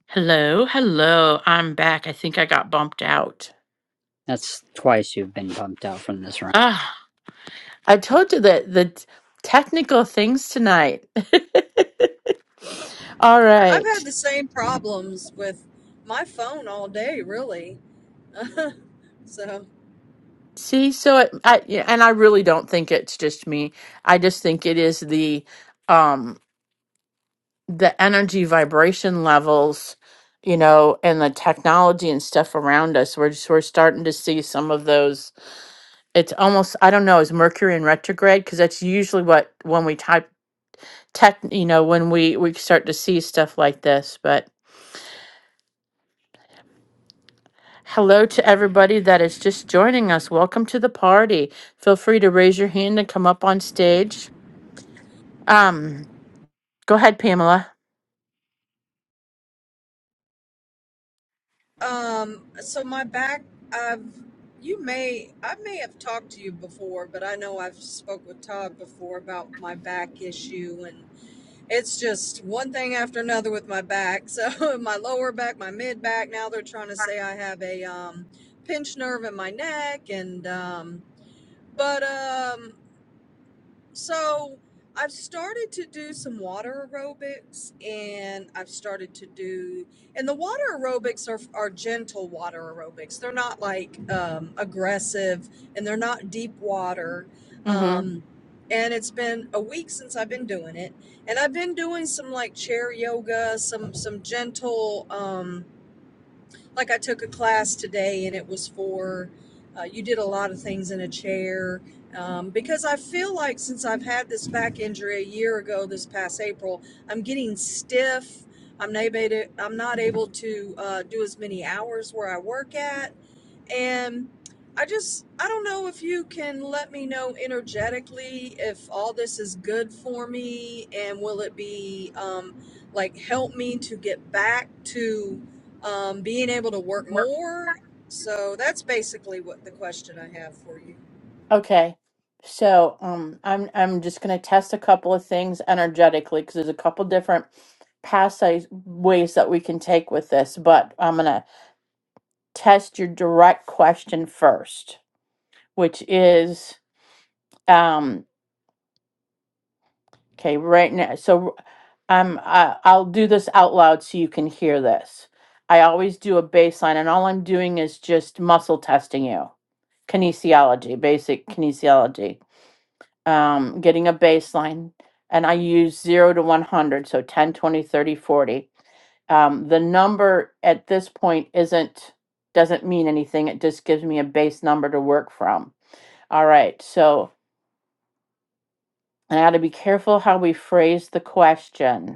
Speaker 1: Hello, hello. I'm back. I think I got bumped out.
Speaker 2: That's twice you've been bumped out from this round.
Speaker 1: Ah, I told you that the t- technical things tonight. All
Speaker 3: I've
Speaker 1: right.
Speaker 3: had the same problems with my phone all day, really. so,
Speaker 1: See, so it, I yeah, and I really don't think it's just me. I just think it is the um the energy vibration levels, you know, and the technology and stuff around us. We're just we're starting to see some of those. It's almost I don't know, is Mercury in retrograde because that's usually what when we type tech you know when we we start to see stuff like this but hello to everybody that is just joining us welcome to the party feel free to raise your hand and come up on stage um go ahead pamela
Speaker 3: um, so my back, I've, you may, I may have talked to you before, but I know I've spoke with Todd before about my back issue, and it's just one thing after another with my back. So my lower back, my mid back. Now they're trying to say I have a um, pinched nerve in my neck, and um, but um, So I've started to do some water aerobics and I've started to do and the water aerobics are are gentle water aerobics. They're not like um, aggressive and they're not deep water.
Speaker 1: mm-hmm.
Speaker 3: Um, and it's been a week since I've been doing it. And I've been doing some like chair yoga, some some gentle um, like I took a class today and it was for uh, you did a lot of things in a chair um, because I feel like since I've had this back injury a year ago this past April, I'm getting stiff. I'm not able to, I'm not able to uh, do as many hours where I work at. And I just, I don't know if you can let me know energetically if all this is good for me and will it be um, like help me to get back to um, being able to work more. So that's basically what the question I have for you.
Speaker 1: okay so um i'm i'm just going to test a couple of things energetically because there's a couple different past ways that we can take with this but i'm going to test your direct question first which is um, Okay, right now, so I'm, um, i i will do this out loud so you can hear this. I always do a baseline, and all I'm doing is just muscle testing you. Kinesiology, basic kinesiology. Um, getting a baseline, and I use 0 to 100, so 10, 20, 30, 40. Um, the number at this point isn't, doesn't mean anything. It just gives me a base number to work from. All right, so I got to be careful how we phrase the question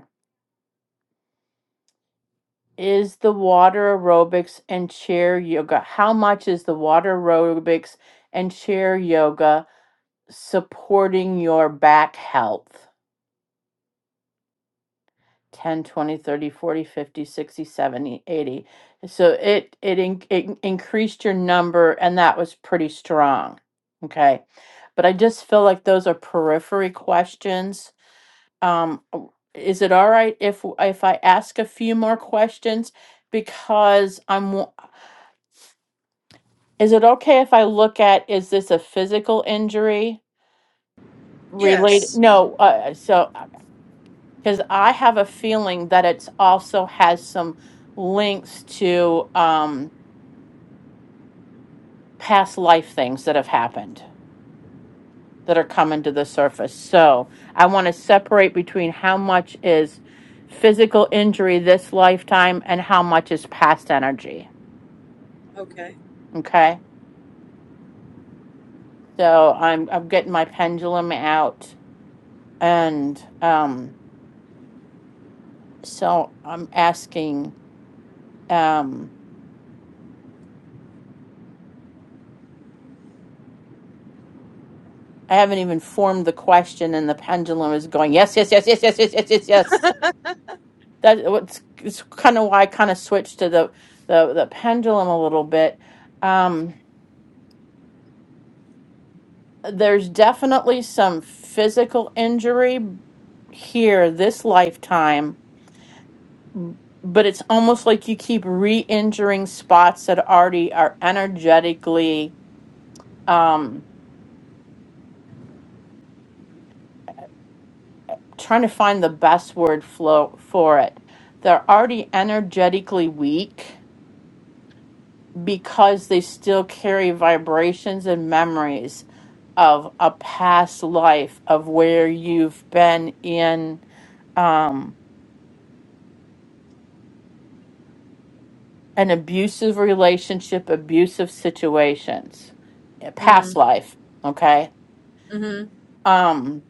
Speaker 1: is the water aerobics and chair yoga? How much is the water aerobics and chair yoga supporting your back health? 10 20 30 40 50 60 70 80 So it, it, in, it increased your number, and that was pretty strong. Okay. But I just feel like those are periphery questions. Um, w- is it all right if if I ask a few more questions because I'm w- Is it okay if I look at, is this a physical injury related?
Speaker 3: Yes.
Speaker 1: No, uh, uh, so, because I have a feeling that it's also has some links to um, past life things that have happened that are coming to the surface. So I want to separate between how much is physical injury this lifetime and how much is past energy.
Speaker 3: Okay.
Speaker 1: Okay? So I'm I'm getting my pendulum out and um So I'm asking, um, I haven't even formed the question and the pendulum is going, yes, yes, yes, yes, yes, yes, yes, yes, yes. That uh, what's it's kind of why I kind of switched to the, the, the pendulum a little bit. Um, there's definitely some physical injury here this lifetime, b- but it's almost like you keep re-injuring spots that already are energetically, um trying to find the best word flow for it. They're already energetically weak because they still carry vibrations and memories of a past life of where you've been in um, an abusive relationship, abusive situations, a past
Speaker 3: Mm,
Speaker 1: life. Okay.
Speaker 3: mm-hmm.
Speaker 1: Um,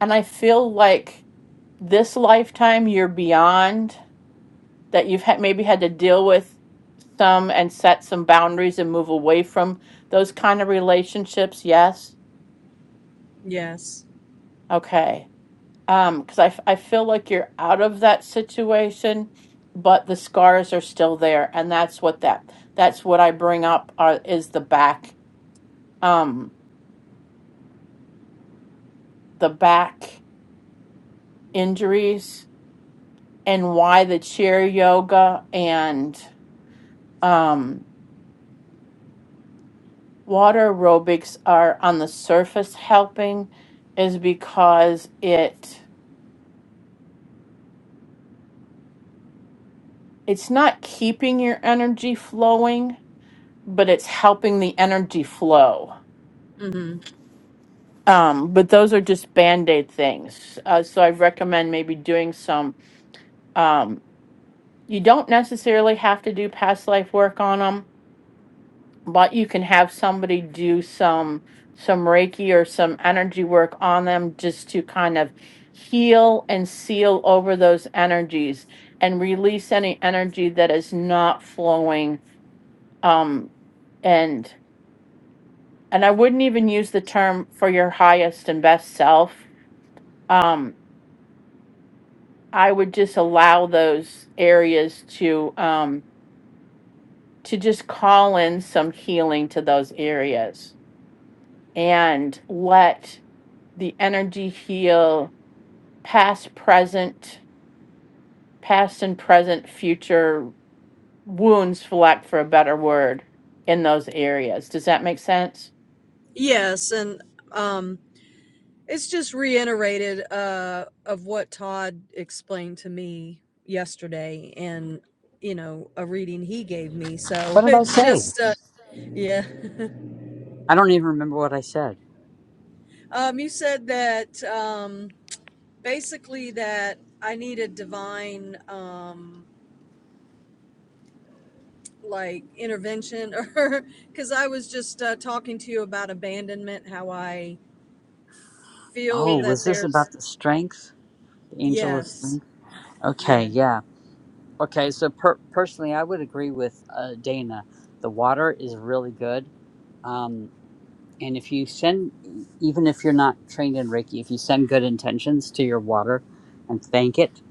Speaker 1: and I feel like this lifetime you're beyond that you've had maybe had to deal with some and set some boundaries and move away from those kind of relationships yes
Speaker 3: Yes.
Speaker 1: okay um because I, f- I feel like you're out of that situation but the scars are still there and that's what that that's what i bring up are, is the back um the back injuries and why the chair yoga and um water aerobics are on the surface helping is because it it's not keeping your energy flowing but it's helping the energy flow
Speaker 3: Mm-hmm.
Speaker 1: um, but those are just band-aid things uh, so i recommend maybe doing some um, you don't necessarily have to do past life work on them but you can have somebody do some some reiki or some energy work on them just to kind of heal and seal over those energies and release any energy that is not flowing um and and I wouldn't even use the term for your highest and best self um I would just allow those areas to um to just call in some healing to those areas and let the energy heal past, present, past and present, future wounds, for lack for a better word, in those areas. Does that make sense?
Speaker 3: Yes. And, um. It's just reiterated uh, of what Todd explained to me yesterday and, you know, a reading he gave me. So
Speaker 2: What did I
Speaker 3: it's
Speaker 2: say?
Speaker 3: just, uh, yeah.
Speaker 2: I don't even remember what I said.
Speaker 3: um, you said that um, basically that I needed divine um, like intervention or because I was just uh, talking to you about abandonment, how I
Speaker 2: Oh,
Speaker 3: feel that
Speaker 2: was this about
Speaker 3: there's,
Speaker 2: the strength? The angel of
Speaker 3: yes,
Speaker 2: strength? Okay,
Speaker 3: yeah,
Speaker 2: yeah. Okay, so per- personally, I would agree with uh, Dana. The water is really good. Um, and if you send, e- even if you're not trained in Reiki, if you send good intentions to your water and thank it,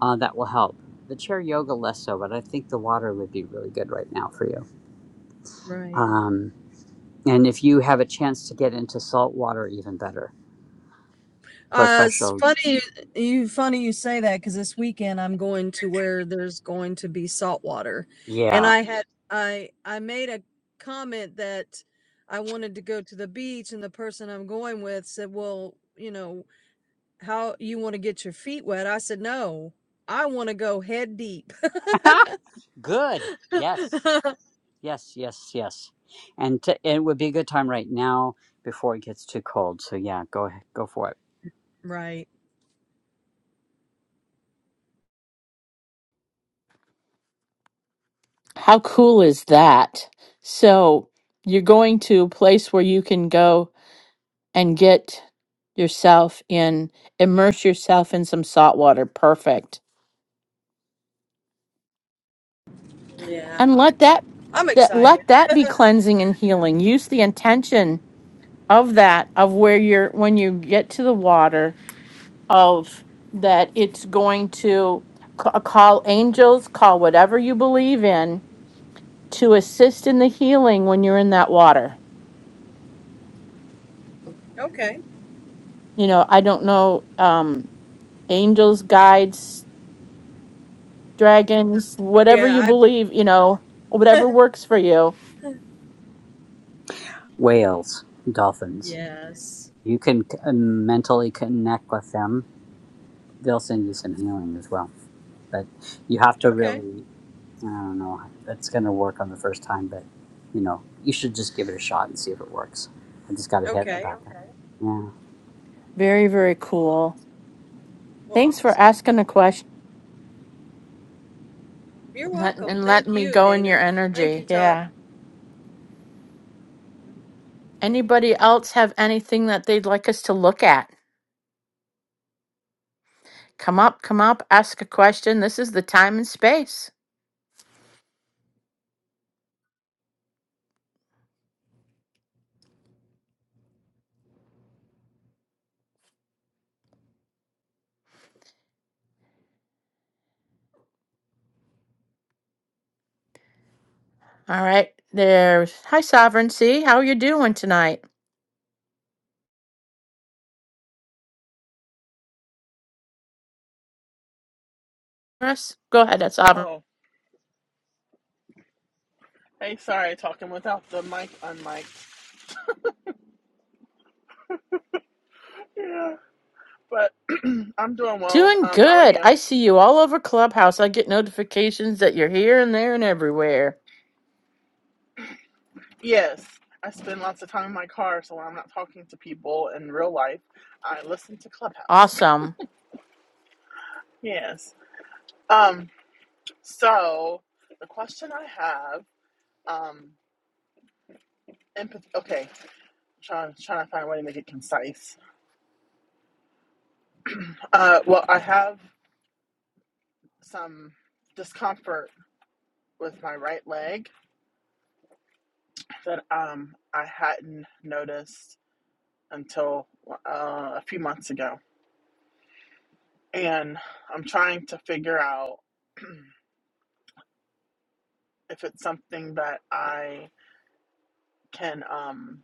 Speaker 2: uh, that will help. The chair yoga, less so, but I think the water would be really good right now for you.
Speaker 3: right.
Speaker 2: Um, and if you have a chance to get into salt water, even better. But
Speaker 3: Uh,
Speaker 2: fresh,
Speaker 3: it's
Speaker 2: o-
Speaker 3: funny you funny you say that because this weekend I'm going to where there's going to be salt water, and
Speaker 2: yeah.
Speaker 3: I had I I made a comment that I wanted to go to the beach, and the person I'm going with said, "Well, you know how you want to get your feet wet." I said, "No, I want to go head deep."
Speaker 2: good. Yes. Yes, yes, yes. And t it would be a good time right now before it gets too cold. So yeah, go ahead, go for it.
Speaker 3: right?
Speaker 1: How cool is that? So you're going to a place where you can go and get yourself in, immerse yourself in some salt water. Perfect.
Speaker 3: Yeah,
Speaker 1: And let that
Speaker 3: I'm
Speaker 1: that
Speaker 3: excited.
Speaker 1: let that be cleansing and healing. Use the intention of that of where you're when you get to the water of that it's going to ca- uh, call angels, call whatever you believe in to assist in the healing when you're in that water.
Speaker 3: Okay.
Speaker 1: You know, I don't know, um, angels, guides, dragons, whatever
Speaker 3: Yeah,
Speaker 1: you
Speaker 3: I
Speaker 1: believe, you know, whatever works for you.
Speaker 2: Whales, dolphins.
Speaker 3: yes.
Speaker 2: You can c- uh, mentally connect with them. They'll send you some healing as well. But you have to
Speaker 3: Okay.
Speaker 2: really, I don't know, that's going to work on the first time, but you know, you should just give it a shot and see if it works. I just got a hit
Speaker 3: Okay.
Speaker 2: about that. Yeah.
Speaker 1: Very, very cool.
Speaker 3: Well,
Speaker 1: Thanks
Speaker 3: awesome.
Speaker 1: for asking the question
Speaker 3: You're
Speaker 1: let,
Speaker 3: welcome.
Speaker 1: and
Speaker 3: Thank
Speaker 1: letting me
Speaker 3: you,
Speaker 1: go in your
Speaker 3: Dana. Thank you,
Speaker 1: energy.
Speaker 3: Todd.
Speaker 1: Yeah. Anybody else have anything that they'd like us to look at? Come up, come up, ask a question. This is the time and space. All right. There's hi sovereignty. How are you doing tonight? Russ, go ahead. That's sovereign.
Speaker 5: Oh, hey, sorry, talking without the mic unmiked. Yeah, but I'm doing well.
Speaker 1: Doing
Speaker 5: Um, how are
Speaker 1: good.
Speaker 5: you?
Speaker 1: I see you all over Clubhouse. I get notifications that you're here and there and everywhere.
Speaker 5: Yes, I spend lots of time in my car, so when I'm not talking to people in real life, I listen to Clubhouse.
Speaker 1: Awesome.
Speaker 5: Yes. Um, so the question I have, um, empathy. Okay, trying trying to find a way to make it concise. Uh, well, I have some discomfort with my right leg that um I hadn't noticed until uh, a few months ago. And I'm trying to figure out if it's something that I can um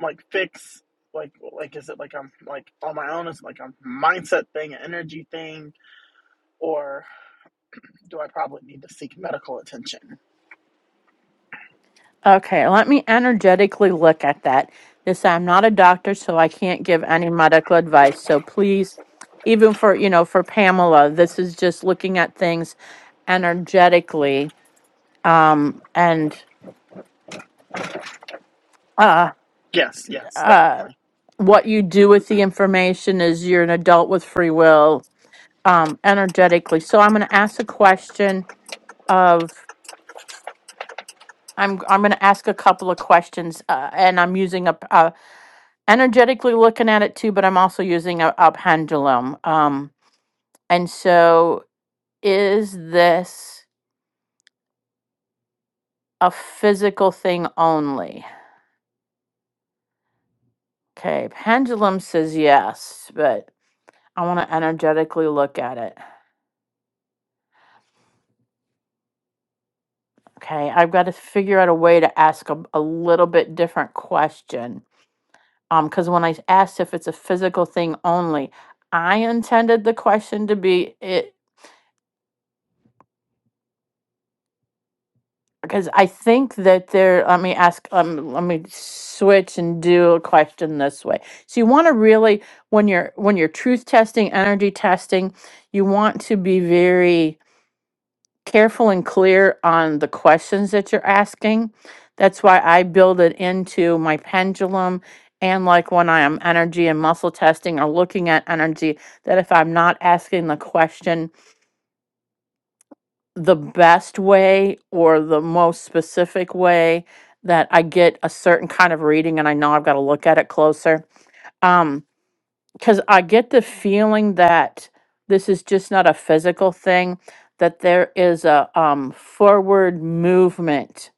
Speaker 5: like fix like like is it like I'm like on my own is it like a mindset thing, an energy thing or do I probably need to seek medical attention?
Speaker 1: Okay, let me energetically look at that. This I'm not a doctor, so I can't give any medical advice. So please, even for you know, for Pamela, this is just looking at things energetically. Um and uh,
Speaker 5: Yes, yes,
Speaker 1: uh
Speaker 5: definitely.
Speaker 1: what you do with the information is you're an adult with free will um, energetically. So I'm going to ask a question of I'm I'm going to ask a couple of questions, uh, and I'm using a, a energetically looking at it too, but I'm also using a, a pendulum. Um, and so is this a physical thing only? Okay, pendulum says yes, but I want to energetically look at it. Okay, I've got to figure out a way to ask a, a little bit different question. Um, because when I asked if it's a physical thing only, I intended the question to be it because I think that there let me ask um let me switch and do a question this way. So you want to really when you're when you're truth testing, energy testing, you want to be very careful and clear on the questions that you're asking. That's why I build it into my pendulum. And like when I am energy and muscle testing or looking at energy, that if I'm not asking the question the best way or the most specific way, that I get a certain kind of reading and I know I've got to look at it closer. Um, because I get the feeling that this is just not a physical thing, that there is a um, forward movement,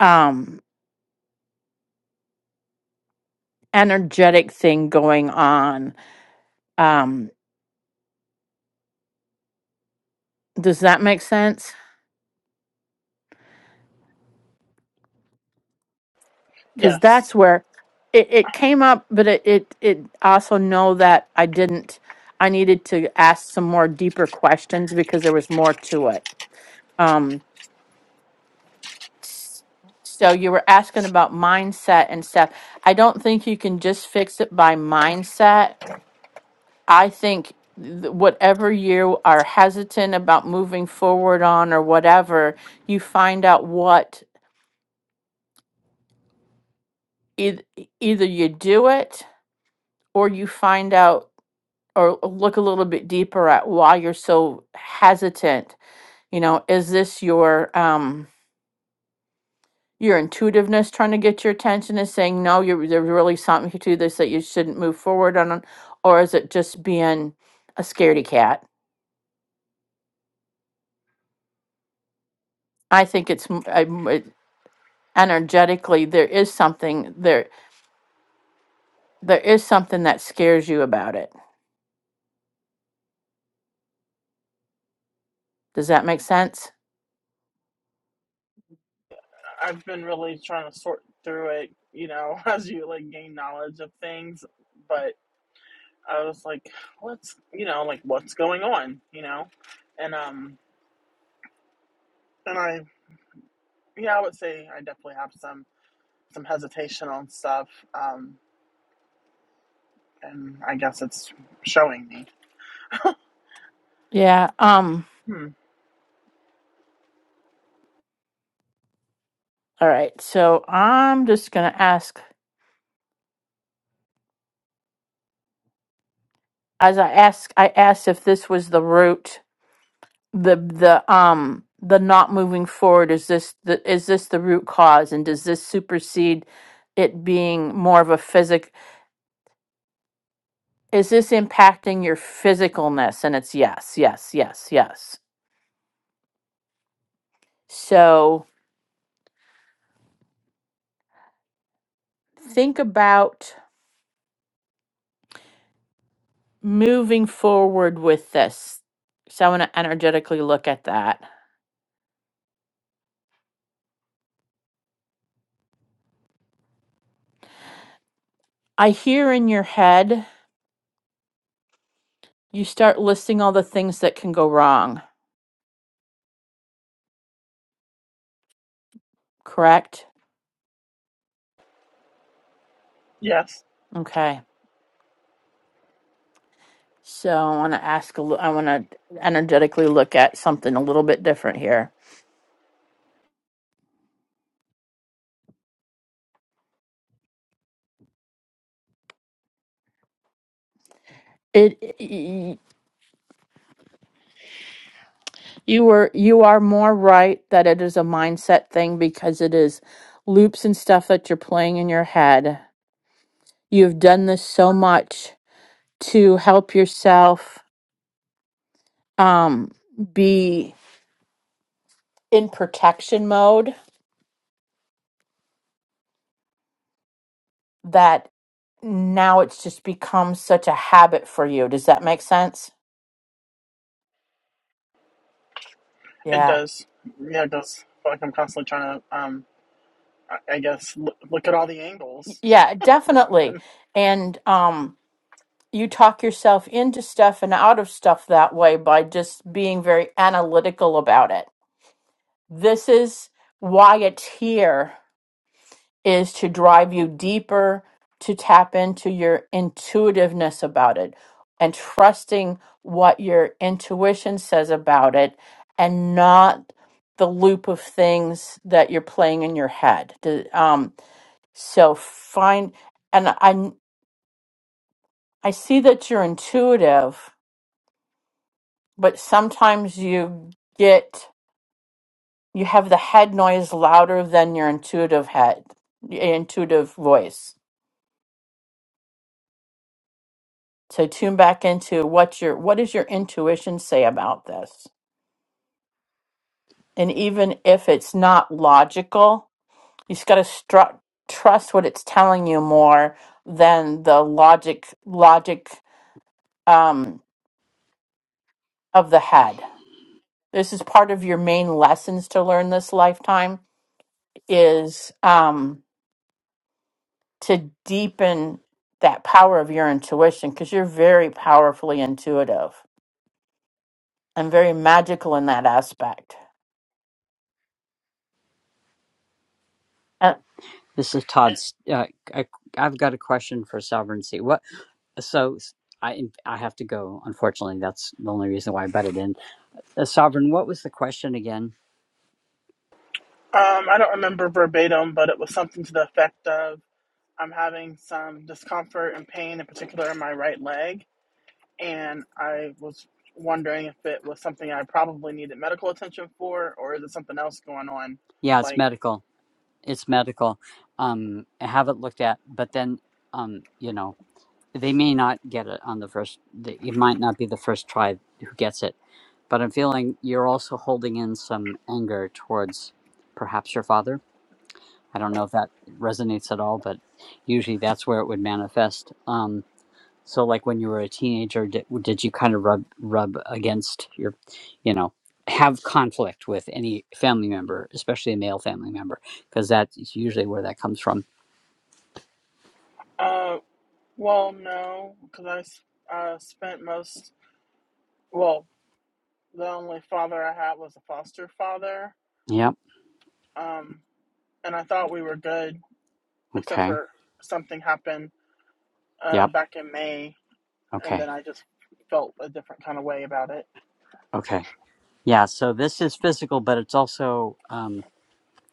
Speaker 1: um, energetic thing going on. Um, does that make sense? Because
Speaker 5: Yes.
Speaker 1: that's where it, it came up, but it, it it also know that I didn't. I needed to ask some more deeper questions because there was more to it. Um, s- so you were asking about mindset and stuff. I don't think you can just fix it by mindset. I think th- whatever you are hesitant about moving forward on or whatever, you find out what eith- either you do it or you find out or look a little bit deeper at why you're so hesitant. You know, is this your um your intuitiveness trying to get your attention is saying no you're there's really something to this that you shouldn't move forward on or is it just being a scaredy cat i think it's m- I m- it- energetically there is something there there is something that scares you about it does that make sense
Speaker 5: I've been really trying to sort through it, you know, as you like gain knowledge of things, but. I was like, what's you know, like what's going on, you know? And um and I yeah, I would say I definitely have some some hesitation on stuff. Um and I guess it's showing me.
Speaker 1: yeah um
Speaker 5: Hmm.
Speaker 1: all right so i'm just gonna ask as i ask i asked if this was the root the the um the not moving forward is this the is this the root cause and does this supersede it being more of a physic is this impacting your physicalness and it's yes yes yes yes so think about moving forward with this so i want to energetically look at that i hear in your head you start listing all the things that can go wrong correct
Speaker 5: Yes,
Speaker 1: okay So I want to ask a li- I want to energetically look at something a little bit different here. It y- you were you are more right that it is a mindset thing because it is loops and stuff that you're playing in your head. You've done this so much to help yourself um be in protection mode that now it's just become such a habit for you. Does that make sense?
Speaker 5: it
Speaker 1: Yeah.
Speaker 5: does. Yeah, it does. I feel like I'm constantly trying to um I I guess l- look at all the
Speaker 1: Y-
Speaker 5: angles
Speaker 1: Yeah,
Speaker 5: or
Speaker 1: definitely.
Speaker 5: something.
Speaker 1: And um you talk yourself into stuff and out of stuff that way by just being very analytical about it. This is why it's here is to drive you deeper to tap into your intuitiveness about it and trusting what your intuition says about it and not the loop of things that you're playing in your head. Do- Um, so find and I I see that you're intuitive but sometimes you get you have the head noise louder than your intuitive head your intuitive voice so tune back into what your what does your intuition say about this and even if it's not logical you just got to stru- trust what it's telling you more than the logic logic um, of the head this is part of your main lessons to learn this lifetime is um, to deepen that power of your intuition because you're very powerfully intuitive and very magical in that aspect. Uh,
Speaker 2: This is Todd's. Uh, I, I've got a question for sovereignty. What? so I I have to go. Unfortunately, that's the only reason why I butted in. Uh, Sovereign, what was the question again?
Speaker 5: Um, I don't remember verbatim, but it was something to the effect of I'm having some discomfort and pain, in particular in my right leg, and I was wondering if it was something I probably needed medical attention for, or is it something else going on?
Speaker 2: Yeah, it's
Speaker 5: Like,
Speaker 2: medical. It's medical. Um, I have it looked at, but then um, you know, they may not get it on the first. the- It might not be the first try who gets it. But I'm feeling you're also holding in some anger towards perhaps your father. I don't know if that resonates at all, but usually that's where it would manifest. Um. So, like when you were a teenager, did, did you kind of rub rub against your, you know, have conflict with any family member, especially a male family member, because that's usually where that comes from.
Speaker 5: uh, well, no, because I s- uh, spent most, well, the only father I had was a foster father,
Speaker 2: Yep.
Speaker 5: um, and I thought we were good, except
Speaker 2: Okay.
Speaker 5: for something happened uh,
Speaker 2: Yep.
Speaker 5: back in May, and
Speaker 2: Okay.
Speaker 5: then I just felt a different kind of way about it.
Speaker 2: Okay. Yeah. So this is physical, but it's also um,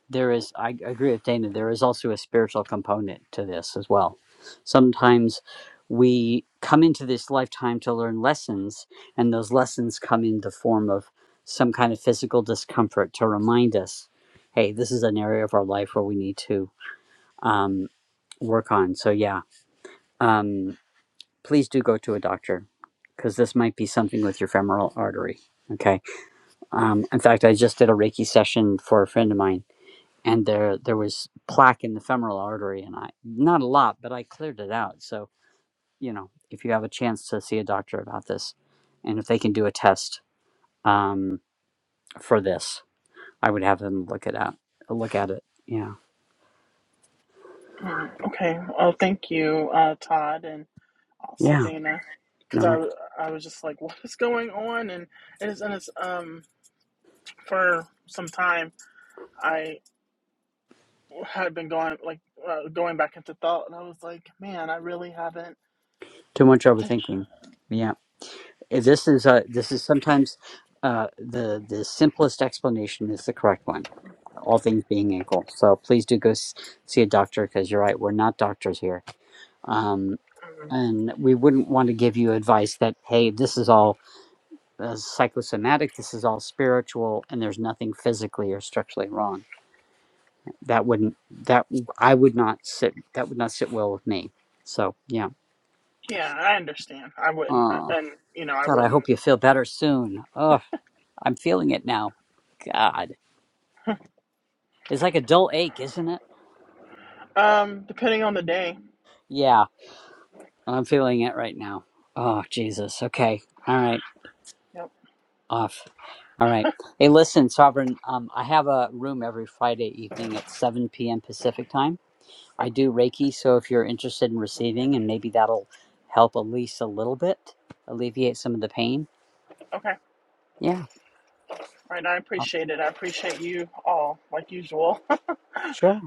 Speaker 2: there is i agree with dana there is also a spiritual component to this as well sometimes we come into this lifetime to learn lessons and those lessons come in the form of some kind of physical discomfort to remind us hey this is an area of our life where we need to um, work on so yeah um, please do go to a doctor because this might be something with your femoral artery okay um, in fact i just did a reiki session for a friend of mine and there there was plaque in the femoral artery and i not a lot but i cleared it out so you know if you have a chance to see a doctor about this and if they can do a test um, for this i would have them look it out look at it yeah
Speaker 5: Okay, well, thank you, uh, Todd, and also
Speaker 2: yeah
Speaker 5: Dana, because
Speaker 2: no
Speaker 5: I I was just like, what is going on? And it's and it's um for some time I had been going like uh, going back into thought, and I was like, man, I really haven't.
Speaker 2: too much overthinking yeah Eh, this is uh this is sometimes uh the the simplest explanation is the correct one all things being equal so please do go s- see a doctor because you're right we're not doctors here Um,
Speaker 5: Mm,
Speaker 2: and we wouldn't want to give you advice that hey this is all uh, psychosomatic this is all spiritual and there's nothing physically or structurally wrong that wouldn't that i would not sit that would not sit well with me so yeah
Speaker 5: Yeah, I understand. I wouldn't, uh,
Speaker 2: oh
Speaker 5: and you know, I
Speaker 2: god i
Speaker 5: wouldn't.
Speaker 2: hope you feel better soon oh i'm feeling it now god it's like a dull ache isn't it
Speaker 5: Um, depending on the day.
Speaker 2: yeah i'm feeling it right now oh jesus okay all right
Speaker 5: Yep.
Speaker 2: off. All right. Hey, listen, Sovereign, um, I have a room every Friday evening at 7 p.m. Pacific time. I
Speaker 5: Okay.
Speaker 2: do Reiki, so if you're interested in receiving, and maybe that'll help at a little bit, alleviate some of the pain.
Speaker 5: okay. All
Speaker 2: Yeah.
Speaker 5: right. I appreciate it. I appreciate you all, like usual.
Speaker 2: Sure.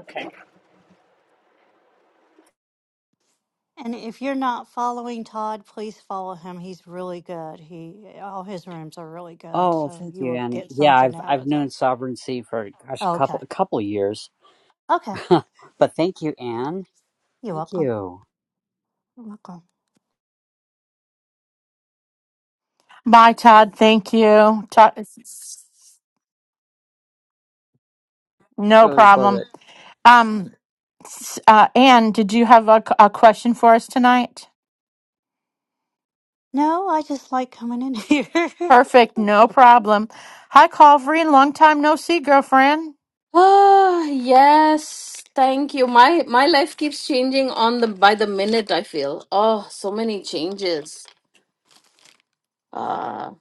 Speaker 5: okay.
Speaker 4: and if you're not following Todd, please follow him. He's really good. He all his rooms are really good,
Speaker 2: Oh,
Speaker 4: so
Speaker 2: thank
Speaker 4: you
Speaker 2: you,
Speaker 4: will
Speaker 2: Annie.
Speaker 4: get
Speaker 2: Yeah,
Speaker 4: something
Speaker 2: I've
Speaker 4: out
Speaker 2: I've
Speaker 4: of
Speaker 2: known
Speaker 4: them.
Speaker 2: Sovereignty for gosh, a
Speaker 4: Okay.
Speaker 2: couple a couple years.
Speaker 4: Okay.
Speaker 2: but thank you, Anne.
Speaker 4: You're
Speaker 2: Thank
Speaker 4: welcome.
Speaker 2: you.
Speaker 4: You're welcome.
Speaker 1: bye, Todd. Thank you. Todd,
Speaker 2: I
Speaker 1: no
Speaker 2: always love it.
Speaker 1: problem. Um, s- uh, Anne, did you have a, a question for us tonight?
Speaker 4: No, I just like coming in here.
Speaker 1: Perfect. No problem. Hi, Calvary. Long time no see, girlfriend.
Speaker 6: Ah, yes. Thank you. My my life keeps changing on the by the minute, I feel. Oh, so many changes. Uh,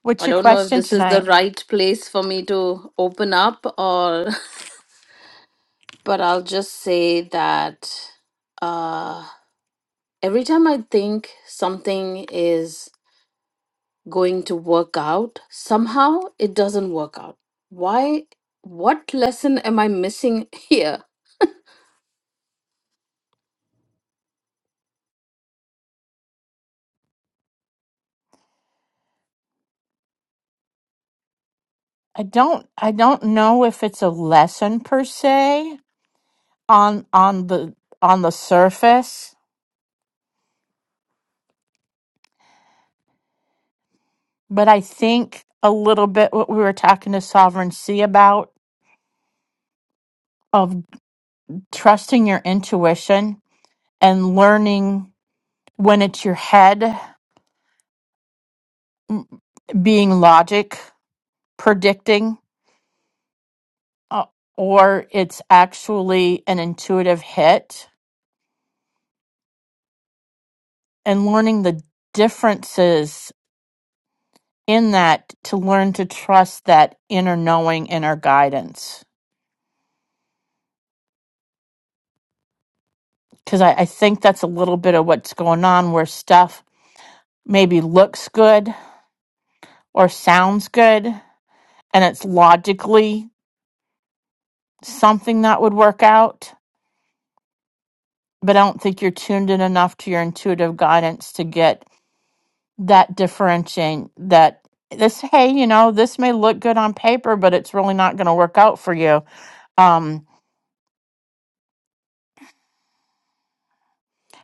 Speaker 1: What's
Speaker 6: I
Speaker 1: your
Speaker 6: don't know if
Speaker 1: question
Speaker 6: this is the
Speaker 1: tonight?
Speaker 6: right place for me to open up or but I'll just say that uh every time I think something is going to work out, somehow it doesn't work out. Why? What lesson am I missing here?
Speaker 1: I don't. I don't know if it's a lesson per se on on the on the surface But I think a little bit what we were talking to Sovereign C about of trusting your intuition and learning when it's your head being logic predicting uh, or it's actually an intuitive hit and learning the differences in that to learn to trust that inner knowing, inner guidance. Because I, I think that's a little bit of what's going on where stuff maybe looks good or sounds good and it's logically something that would work out, but I don't think you're tuned in enough to your intuitive guidance to get that differentiating that this hey, you know, this may look good on paper, but it's really not going to work out for you. Um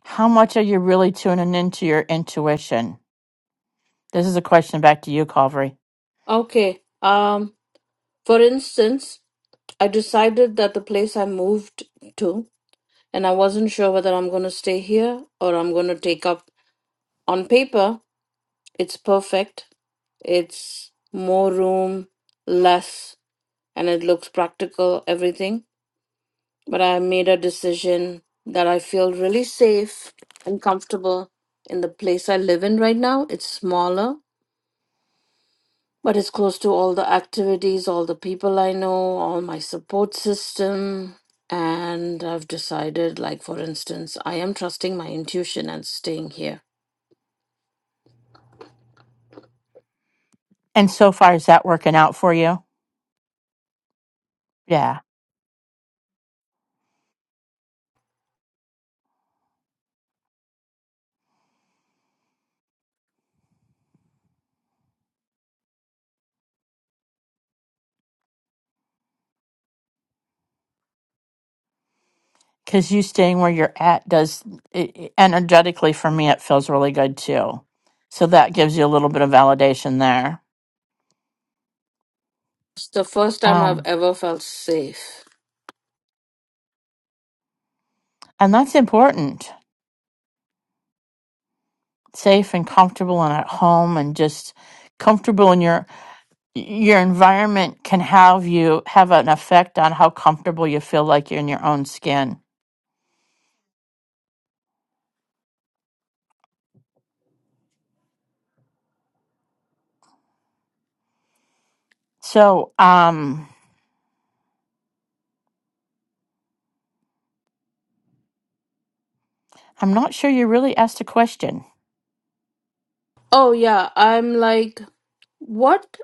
Speaker 1: how much are you really tuning into your intuition? This is a question back to you, Calvary.
Speaker 6: Okay. Um, for instance, I decided that the place I moved to, and I wasn't sure whether I'm going to stay here or I'm going to take up. On paper, it's perfect. It's more room, less, and it looks practical, everything. But I made a decision that I feel really safe and comfortable in the place I live in right now. It's smaller, But it's close to all the activities, all the people I know, all my support system. And I've decided, like, for instance, I am trusting my intuition and staying here.
Speaker 1: And so far is that working out for you? Yeah. because you staying where you're at does it, it- energetically for me it feels really good too so that gives you a little bit of validation there
Speaker 6: It's the first time I've
Speaker 1: um,
Speaker 6: ever felt safe.
Speaker 1: and that's important safe and comfortable and at home and just comfortable in your your environment can have you have an effect on how comfortable you feel like you're in your own skin so um i'm not sure you really asked a question
Speaker 6: Oh, yeah, I'm like, what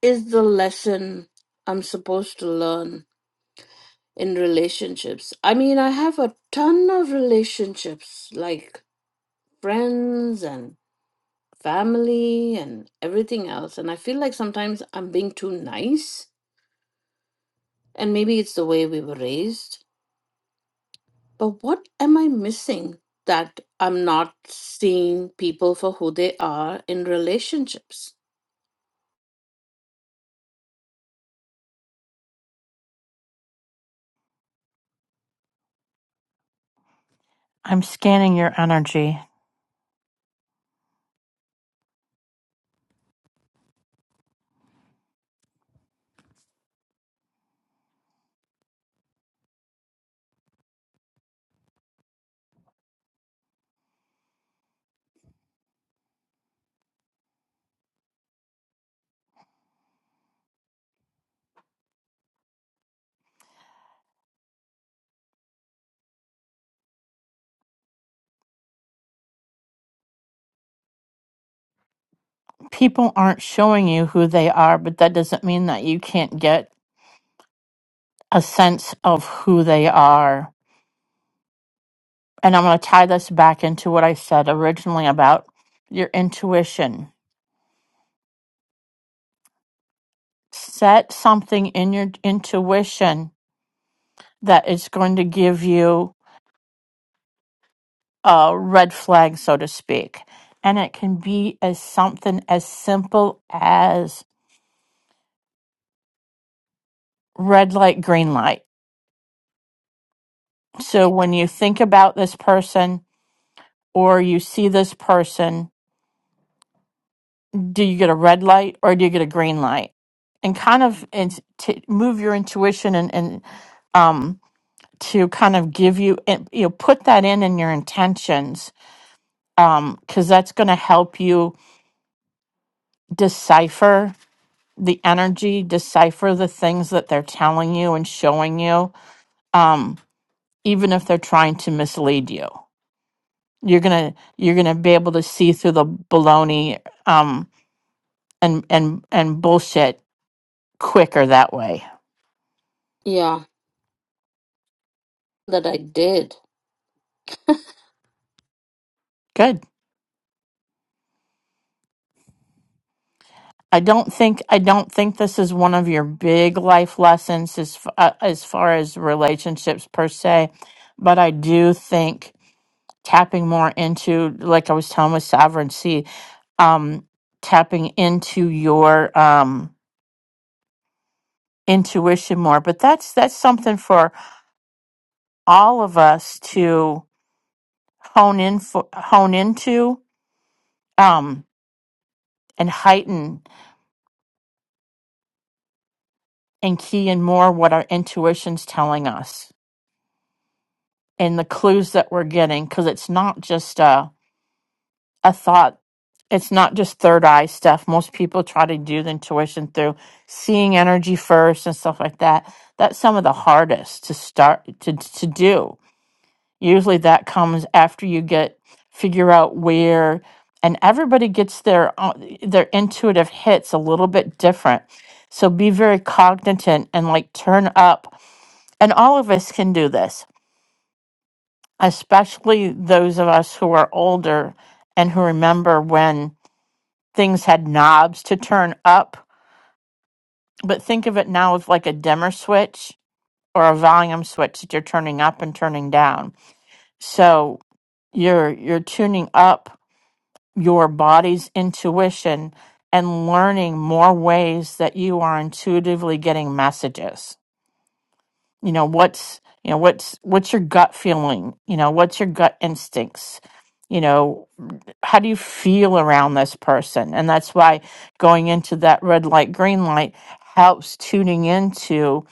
Speaker 6: is the lesson I'm supposed to learn in relationships? I mean, I have a ton of relationships, like friends and family and everything else. And I feel like sometimes I'm being too nice, and maybe it's the way we were raised. But what am I missing that I'm not seeing people for who they are in relationships?
Speaker 1: i'm scanning your energy people aren't showing you who they are, but that doesn't mean that you can't get a sense of who they are. And I'm going to tie this back into what I said originally about your intuition. Set something in your intuition that is going to give you a red flag, so to speak. And it can be as something as simple as red light, green light. So when you think about this person or you see this person, do you get a red light or do you get a green light and kind of and to move your intuition and and um to kind of give you and you know put that in in your intentions um because that's going to help you decipher the energy decipher the things that they're telling you and showing you um even if they're trying to mislead you you're gonna you're gonna be able to see through the baloney um and and and bullshit quicker that way
Speaker 6: Yeah, that I did.
Speaker 1: good I don't think I don't think this is one of your big life lessons as f- uh, as far as relationships per se, but I do think tapping more into like I was telling with sovereignty, um, tapping into your um, intuition more. But that's that's something for all of us to hone in for, hone into um, and heighten and key in more what our intuition's telling us and the clues that we're getting because it's not just a, a thought it's not just third eye stuff most people try to do the intuition through seeing energy first and stuff like that that's some of the hardest to start to, to do usually that comes after you get figure out where and everybody gets their own- their intuitive hits a little bit different so be very cognizant and like turn up and all of us can do this especially those of us who are older and who remember when things had knobs to turn up. But think of it now as like a dimmer switch or a volume switch that you're turning up and turning down. So you're you're tuning up your body's intuition and learning more ways that you are intuitively getting messages. You know, what's you know, what's what's your gut feeling? You know, what's your gut instincts? You know, how do you feel around this person and that's why going into that red light green light helps tuning into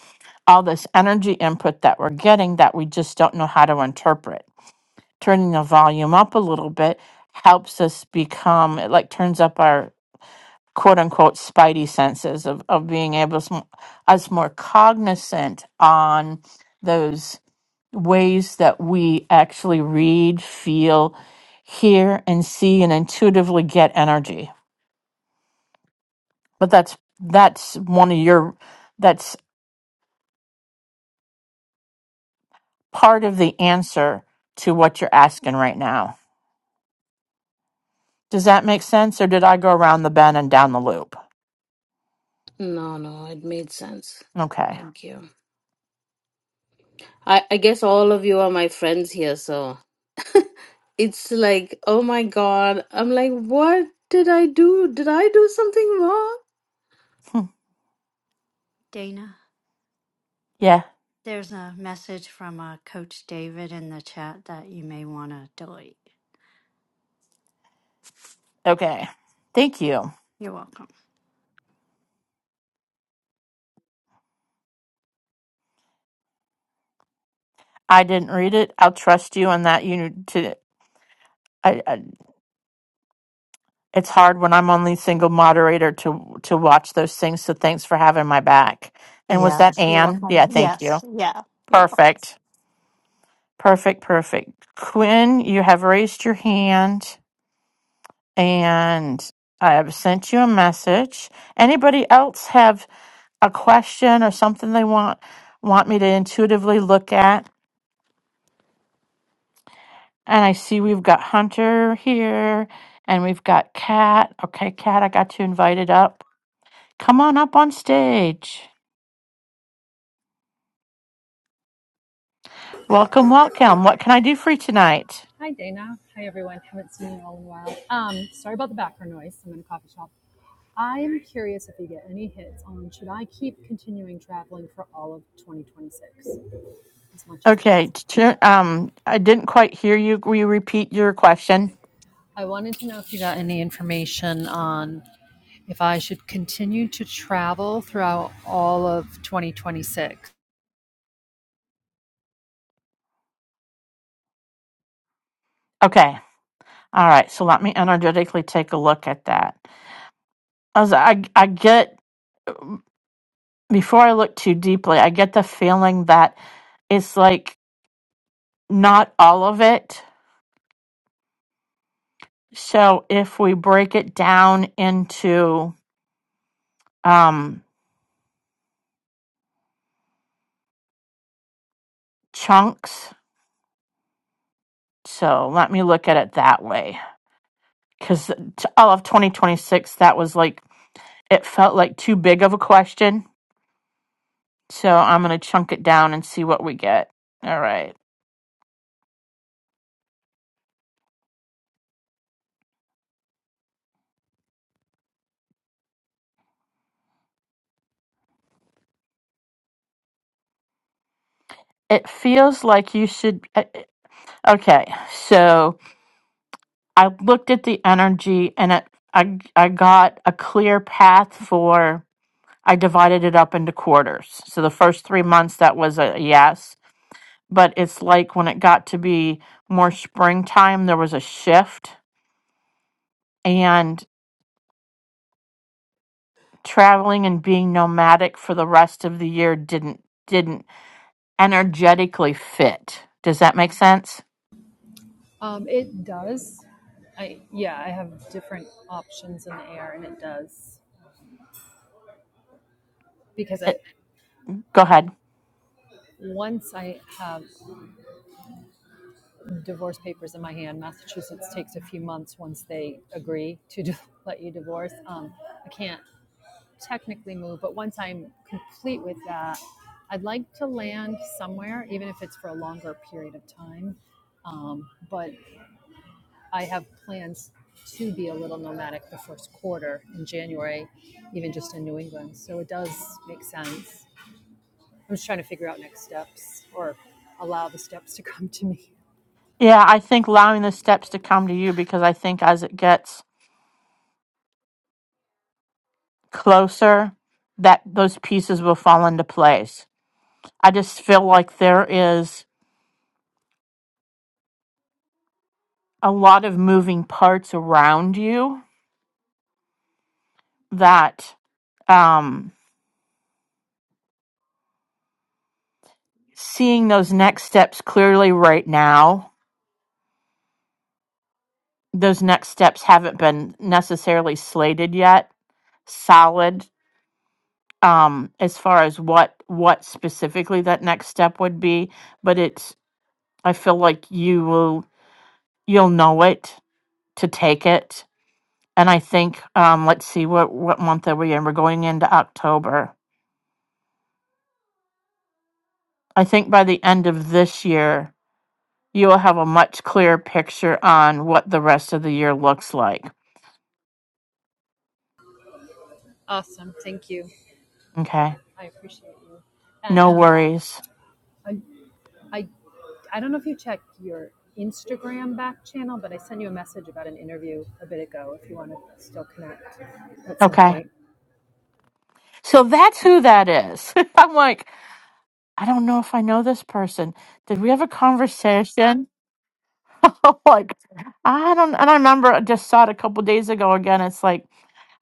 Speaker 1: all this energy input that we're getting that we just don't know how to interpret turning the volume up a little bit helps us become it like turns up our quote unquote spidey senses of, of being able to us more cognizant on those ways that we actually read, feel, hear, and see, and intuitively get energy. But that's that's one of your that's part of the answer to what you're asking right now. Does that make sense, or did I go around the bend and down the loop?
Speaker 6: No, no, it made sense.
Speaker 1: Okay.
Speaker 6: Thank you. I, I guess all of you are my friends here, so it's like, oh my God. I'm like, what did I do? Did I do something wrong?
Speaker 1: Hmm.
Speaker 4: Dana.
Speaker 1: Yeah.
Speaker 4: There's a message from uh, Coach David in the chat that you may want to delete.
Speaker 1: Okay. Thank you.
Speaker 4: You're welcome.
Speaker 1: I didn't read it. I'll trust you on that. You to. I, I- It's hard when I'm only single moderator to to watch those things. So thanks for having my back. And was that
Speaker 4: Yes, you're
Speaker 1: Anne?
Speaker 4: welcome.
Speaker 1: Yeah, thank you.
Speaker 4: Yes, yeah, you're
Speaker 1: Perfect. Perfect, perfect. Quinn, you have raised your hand and I have sent you a message. Anybody else have a question or something they want want me to intuitively look at? And I see we've got Hunter here and we've got Kat. Okay, Kat, I got you invited up. Come on up on stage. Welcome, welcome. What can I do for you tonight?
Speaker 7: Hi, Dana. Hi, everyone. Haven't seen you all in a while. Um, sorry about the background noise. I'm in a coffee shop. I am curious if you get any hits on should I keep continuing traveling for all of 2026 as much as
Speaker 1: Okay,
Speaker 7: possible.
Speaker 1: t- um, I didn't quite hear you. Will you repeat your question?
Speaker 7: I wanted to know if you got any information on if I should continue to travel throughout all of 2026.
Speaker 1: Okay, all right. So let me energetically take a look at that. As I, I get before I look too deeply, I get the feeling that it's like not all of it. So if we break it down into um, chunks, so let me look at it that way. Because all of 2026, that was like It felt like too big of a question, so I'm going to chunk it down and see what we get. All right. It feels like you should. eh, Okay, so I looked at the energy and it, I, I got a clear path for. I divided it up into quarters. So the first three months, that was a yes. But it's like when it got to be more springtime, there was a shift. And traveling and being nomadic for the rest of the year didn't didn't energetically fit. Does that make sense?
Speaker 7: Um, it does. I yeah, I have different options in the air, and it does because I
Speaker 1: It, go ahead.
Speaker 7: once I have divorce papers in my hand. Massachusetts takes a few months once they agree to do, let you divorce. Um, I can't technically move, but once I'm complete with that, I'd like to land somewhere, even if it's for a longer period of time. Um, but I have plans to be a little nomadic the first quarter in January, even just in New England. So it does make sense. I'm just trying to figure out next steps or allow the steps to come to me.
Speaker 1: Yeah, I think allowing the steps to come to you because I think as it gets closer, that those pieces will fall into place. I just feel like there is a lot of moving parts around you that um, seeing those next steps clearly right now, those next steps haven't been necessarily slated yet, solid um as far as what what specifically that next step would be but it's i feel like you will you'll know it to take it and i think um let's see what what month are we in we're going into october i think by the end of this year you will have a much clearer picture on what the rest of the year looks like
Speaker 7: Awesome. Thank you.
Speaker 1: okay
Speaker 7: I appreciate you. And
Speaker 1: no
Speaker 7: um,
Speaker 1: worries
Speaker 7: I, I, I don't know if you checked your Instagram back channel, but I sent you a message about an interview a bit ago if you want to still connect at some
Speaker 1: okay
Speaker 7: point.
Speaker 1: so that's who that is i'm like i don't know if i know this person did we have a conversation like I don't and I remember I just saw it a couple days ago again. It's like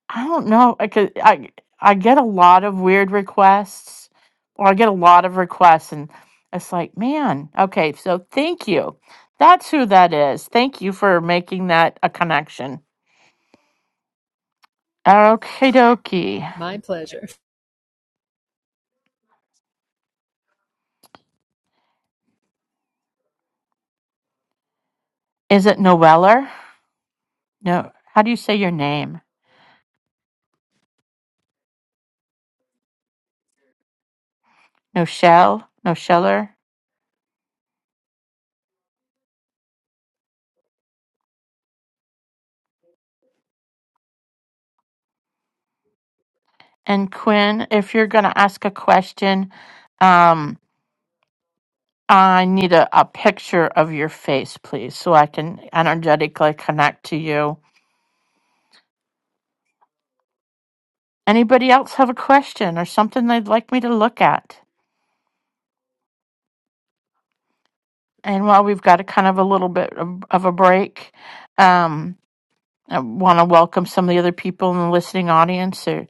Speaker 1: I don't know. I could I I get a lot of weird requests or I get a lot of requests and it's like, man, okay, so thank you. That's who that is. Thank you for making that a connection. Okay dokie.
Speaker 7: My pleasure.
Speaker 1: Is it Noeller? No how do you say your name? No shell? No sheller? And Quinn, if you're gonna ask a question, um, I need a, a picture of your face, please, so I can energetically connect to you. Anybody else have a question or something they'd like me to look at? And while we've got a kind of a little bit of, of a break, um, I want to welcome some of the other people in the listening audience, or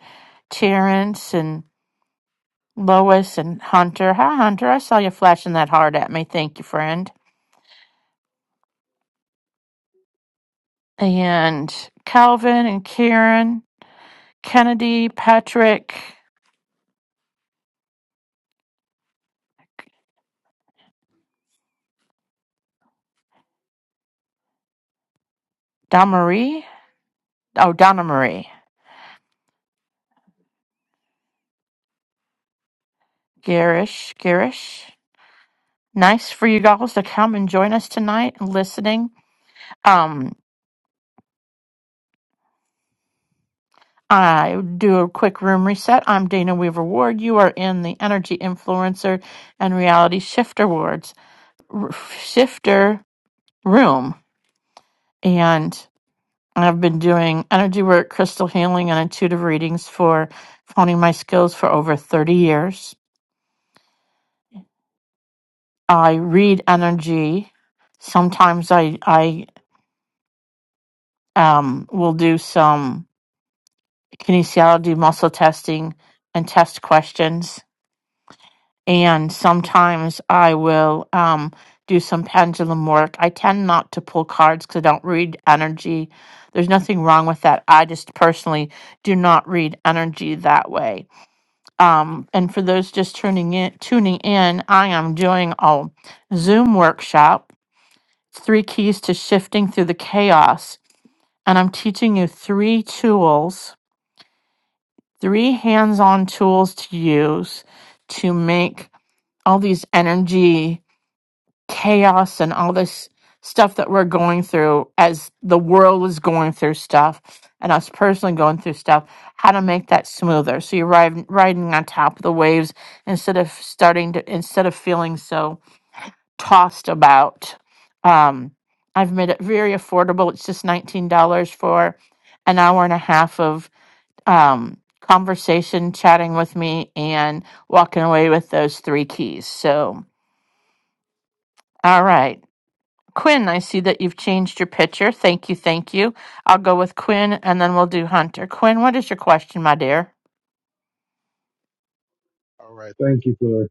Speaker 1: Terrence and Lois and Hunter. Hi, Hunter. I saw you flashing that heart at me. Thank you, friend. And Calvin and Karen, Kennedy, Patrick, Damarie. Oh, Donna Marie. Garish, Garish. Nice for you guys to come and join us tonight and listening. Um, I do a quick room reset. I'm Dana Weaver Ward. You are in the Energy Influencer and Reality Shifter Wards r- Shifter Room, and I've been doing energy work, crystal healing, and intuitive readings for honing my skills for over 30 years. I read energy sometimes I I Um, we'll do some kinesiology muscle testing and test questions. And sometimes I will um, do some pendulum work. I tend not to pull cards because I don't read energy. There's nothing wrong with that. I just personally do not read energy that way. Um, and for those just tuning in, tuning in, I am doing a Zoom workshop. Three keys to shifting through the chaos, and I'm teaching you three tools three hands-on tools to use to make all these energy chaos and all this stuff that we're going through as the world is going through stuff and us personally going through stuff how to make that smoother so you're riding, riding on top of the waves instead of starting to instead of feeling so tossed about um, i've made it very affordable it's just $19 for an hour and a half of um, conversation, chatting with me, and walking away with those three keys. So, all right. Quinn, I see that you've changed your picture. Thank you. Thank you. I'll go with Quinn and then we'll do Hunter. Quinn, what is your question, my dear?
Speaker 8: All right. Thank you for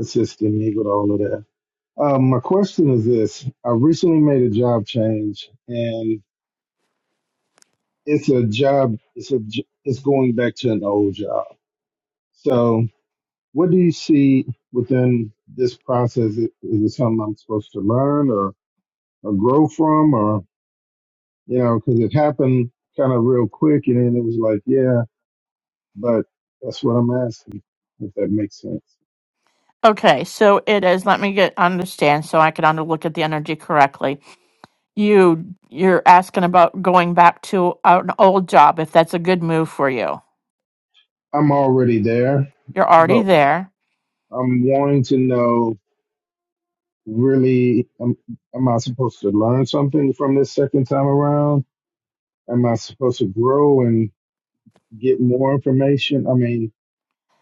Speaker 8: assisting me with all of that. Um, my question is this: I recently made a job change, and it's a job. It's a. j- It's going back to an old job. So, what do you see within this process? Is is it something I'm supposed to learn or or grow from, or you know, because it happened kind of real quick, and then it was like, yeah, but that's what I'm asking. If that makes sense,
Speaker 1: Okay, so it is. Let me get understand so I can under look at the energy correctly. You you're asking about going back to an old job if that's a good move for you.
Speaker 8: I'm already there,
Speaker 1: You're already
Speaker 8: but
Speaker 1: there.
Speaker 8: I'm wanting to know really am, am I supposed to learn something from this second time around? Am I supposed to grow and get more information? I mean,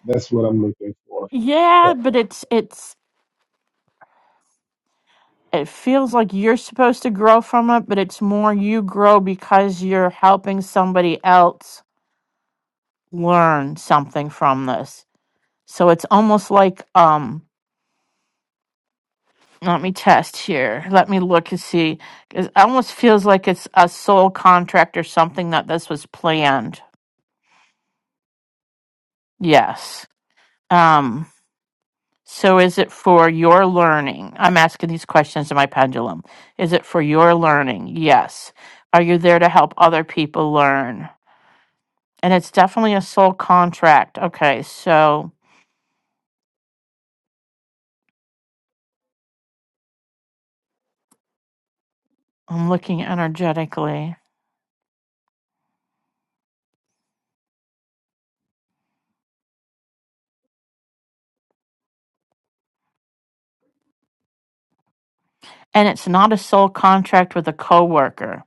Speaker 8: that's what I'm looking for.
Speaker 1: Yeah,
Speaker 8: So,
Speaker 1: but it's it's it feels like you're supposed to grow from it, but it's more you grow because you're helping somebody else learn something from this. So it's almost like um let me test here. Let me look and see. It almost feels like it's a soul contract or something that this was planned. Yes. Um so is it for your learning? I'm asking these questions in my pendulum. Is it for your learning? Yes. Are you there to help other people learn? And it's definitely a soul contract. Okay, so I'm looking energetically. And it's not a soul contract with a coworker.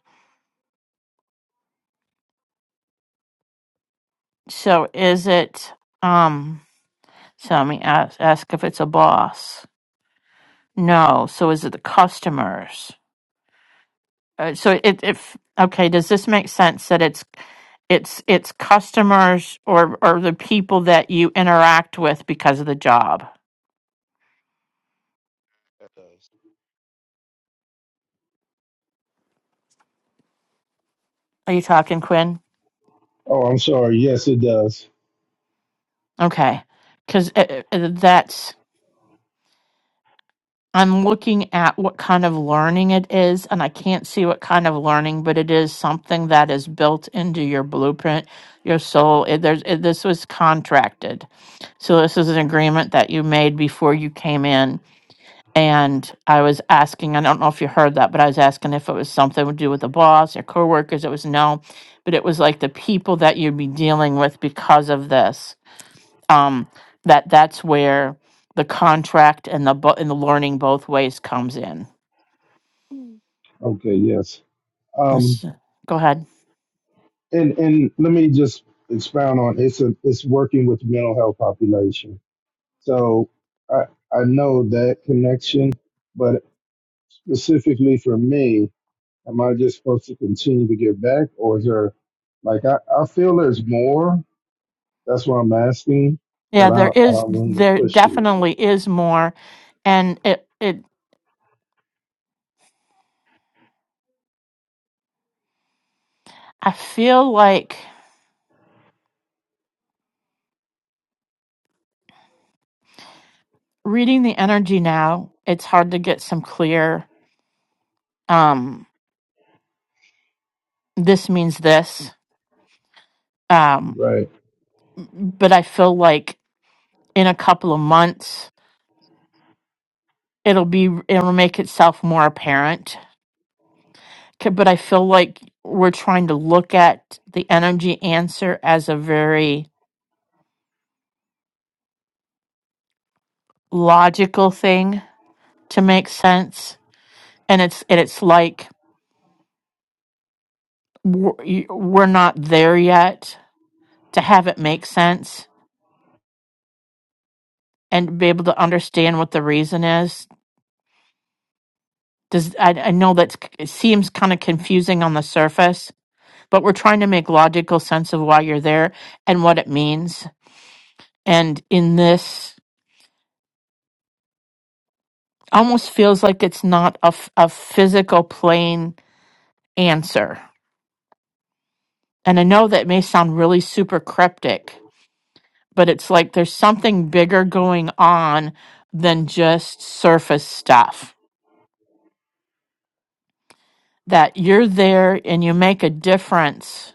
Speaker 1: So is it um so let me ask, ask if it's a boss. No, so is it the customers? Uh, so it if okay, does this make sense that it's it's it's customers or or the people that you interact with because of the job? Are you talking Quinn?
Speaker 8: oh, I'm sorry. Yes, it does.
Speaker 1: Okay. Cuz that's I'm looking at what kind of learning it is, and I can't see what kind of learning, but it is something that is built into your blueprint, your soul. It, there's, it, this was contracted. So, this is an agreement that you made before you came in. And I was asking, I don't know if you heard that, but I was asking if it was something to do with the boss, or coworkers. It was no, but it was like the people that you'd be dealing with because of this um, that that's where the contract and the bo- and the learning both ways comes in. Mm.
Speaker 8: Okay, yes. Um,
Speaker 1: Let's- go ahead.
Speaker 8: and and let me just expound on it's a it's working with the mental health population. So I I know that connection, but specifically for me, Am I just supposed to continue to get back, or is there like I, I feel there's more. That's what I'm asking,
Speaker 1: Yeah,
Speaker 8: but I
Speaker 1: there
Speaker 8: I
Speaker 1: is
Speaker 8: don't want to
Speaker 1: there
Speaker 8: push you.
Speaker 1: definitely is more, and it it I feel like reading the energy now. It's hard to get some clear. Um, this means this. Um,
Speaker 8: Right.
Speaker 1: but I feel like in a couple of months it'll be it'll make itself more apparent K- but I feel like we're trying to look at the energy answer as a very logical thing to make sense, and it's and it's like we're you- we're not there yet to have it make sense and be able to understand what the reason is. Does I, I know that it seems kind of confusing on the surface, but we're trying to make logical sense of why you're there and what it means. And in this, almost feels like it's not a, f- a physical plane answer. And I know that may sound really super cryptic, but it's like there's something bigger going on than just surface stuff. That you're there and you make a difference,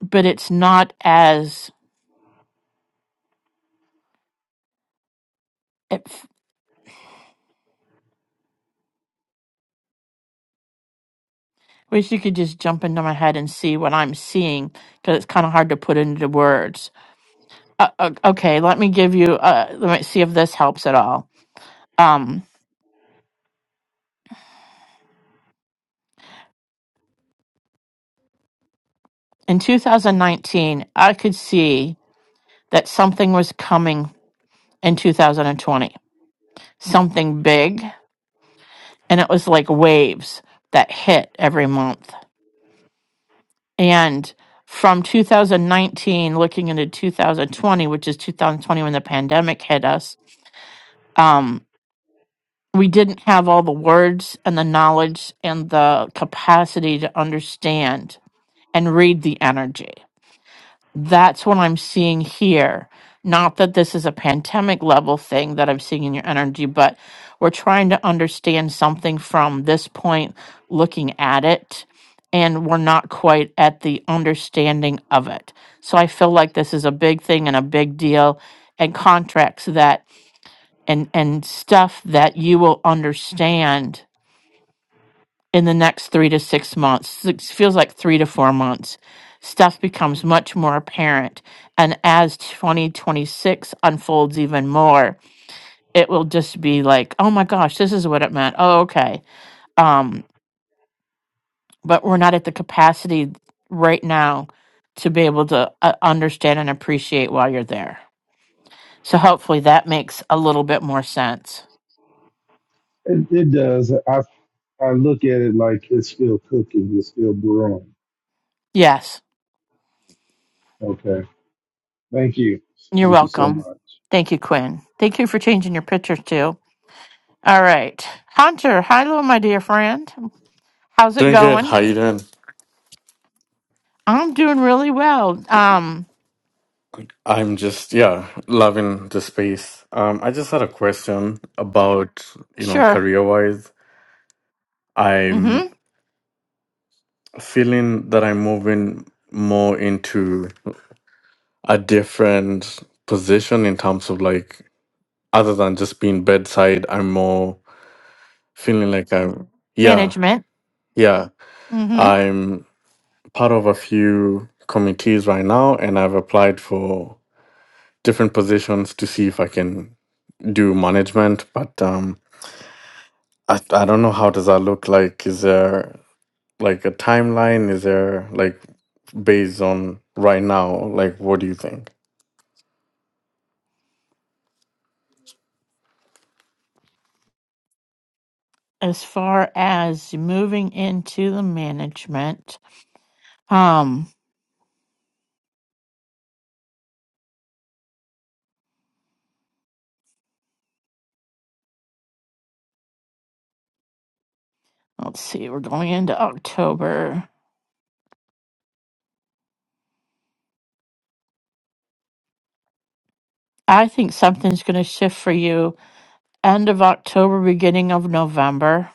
Speaker 1: but it's not as. It, wish you could just jump into my head and see what I'm seeing because it's kind of hard to put into words. Uh, uh, okay, let me give you. Uh, let me see if this helps at all. Um, in 2019, I could see that something was coming in 2020. Something big, and it was like waves that hit every month. And from 2019, looking into 2020, which is 2020 when the pandemic hit us, um, we didn't have all the words and the knowledge and the capacity to understand and read the energy That's what I'm seeing here. Not that this is a pandemic level thing that I'm seeing in your energy, but we're trying to understand something from this point, looking at it, and we're not quite at the understanding of it. So I feel like this is a big thing and a big deal, and contracts that and and stuff that you will understand in the next three to six months, it feels like three to four months, stuff becomes much more apparent. And as 2026 unfolds even more, it will just be like, oh my gosh, this is what it meant. Oh, okay. Um, but we're not at the capacity right now to be able to uh, understand and appreciate while you're there. So hopefully that makes a little bit more sense.
Speaker 8: It it does. I I look at it like it's still cooking. It's still brewing.
Speaker 1: Yes,
Speaker 8: Okay. Thank you.
Speaker 1: you're
Speaker 8: Thank you so
Speaker 1: welcome.
Speaker 8: much.
Speaker 1: Thank you, Quinn. Thank you for changing your picture too. All right. Hunter, hello, my dear friend. How's it
Speaker 9: Doing good.
Speaker 1: going?
Speaker 9: How you doing?
Speaker 1: I'm doing really well. Um,
Speaker 9: I'm just yeah, loving the space. Um, I just had a question about you know
Speaker 1: sure.
Speaker 9: career wise.
Speaker 1: Mm-hmm.
Speaker 9: I'm feeling that I'm moving more into a different position in terms of like other than just being bedside. I'm more feeling like I'm yeah
Speaker 1: Management.
Speaker 9: yeah.
Speaker 1: Mm-hmm.
Speaker 9: I'm part of a few committees right now, and I've applied for different positions to see if I can do management, but um I I don't know how does that look like. Is there like a timeline? Is there like based on right now? Like what do you think?
Speaker 1: As far as moving into the management, um, let's see, we're going into October. I think something's gonna shift for you end of October, beginning of November.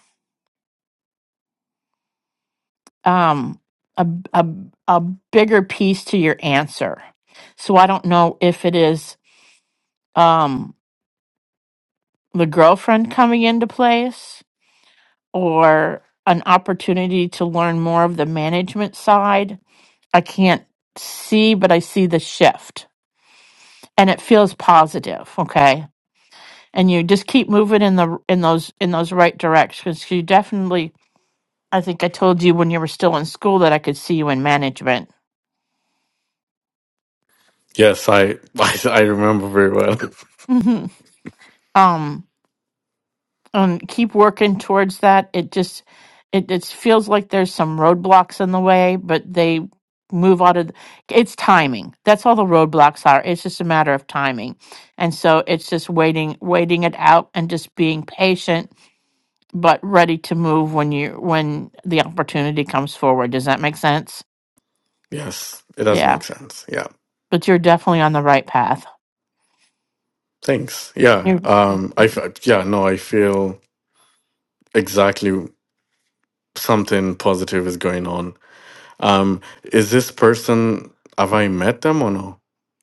Speaker 1: Um, a a a bigger piece to your answer. So I don't know if it is. Um, the girlfriend coming into place or an opportunity to learn more of the management side. I can't see, but I see the shift and it feels positive. Okay. And you just keep moving in the, in those, in those right directions. You definitely, I think I told you when you were still in school that I could see you in management.
Speaker 9: Yes, I I, I remember very well.
Speaker 1: hmm Um, um keep working towards that it just it it feels like there's some roadblocks in the way but they move out of th- it's timing that's all the roadblocks are it's just a matter of timing and so it's just waiting waiting it out and just being patient but ready to move when you when the opportunity comes forward does that make sense
Speaker 9: Yes, it does
Speaker 1: yeah
Speaker 9: make sense. Yeah,
Speaker 1: but you're definitely on the right path
Speaker 9: thanks. Yeah,
Speaker 1: you
Speaker 9: um, I f- yeah no, I feel exactly something positive is going on. Um, is this person have I met them or no?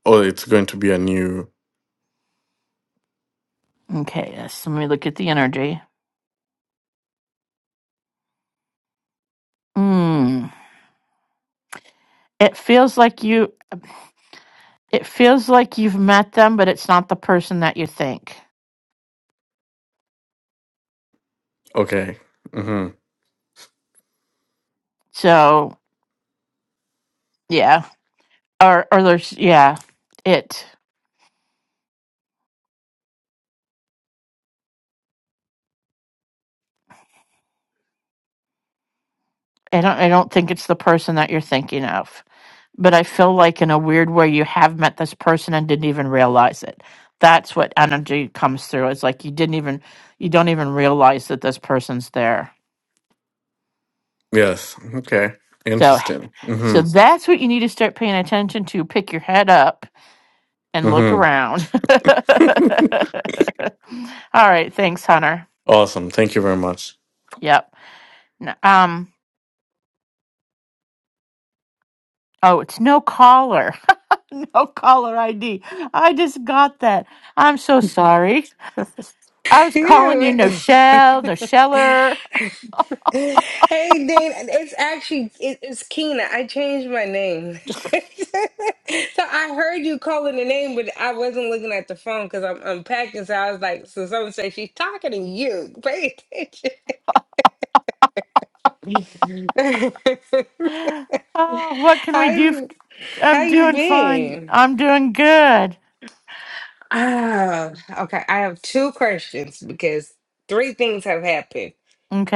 Speaker 9: Oh, it's going to be a new.
Speaker 1: okay yes let me look at the energy mm. it feels like you It feels like you've met them, but it's not the person that you think.
Speaker 9: Okay. Mm-hmm.
Speaker 1: So yeah, or or there's yeah, it. I don't I don't think it's the person that you're thinking of. But I feel like in a weird way you have met this person and didn't even realize it. That's what energy comes through. It's like you didn't even you don't even realize that this person's there.
Speaker 9: Yes. Okay.
Speaker 1: So
Speaker 9: Interesting.
Speaker 1: so
Speaker 9: Mm-hmm.
Speaker 1: that's what you need to start paying attention to. Pick your head up and
Speaker 9: Mm-hmm.
Speaker 1: look around. All right, thanks, Hunter.
Speaker 9: Awesome. Thank you very much.
Speaker 1: Yep. N- Um. Oh, it's no caller. No caller ID. I just got that. I'm so sorry.
Speaker 4: welcome.
Speaker 1: I was
Speaker 10: You
Speaker 1: calling
Speaker 10: know,
Speaker 1: you no shell, no sheller.
Speaker 10: hey Dane, it's actually it, it's Keena. I changed my name. so I heard you calling the name, but I wasn't looking at the phone because I'm unpacking. So I was like, so someone said she's talking to you. Pay attention.
Speaker 1: Oh, what can
Speaker 10: how
Speaker 1: we do? f-
Speaker 10: you how
Speaker 1: I'm
Speaker 10: you
Speaker 1: doing fine.
Speaker 10: been?
Speaker 1: I'm doing good.
Speaker 10: Ah, okay. I have two questions because three things have happened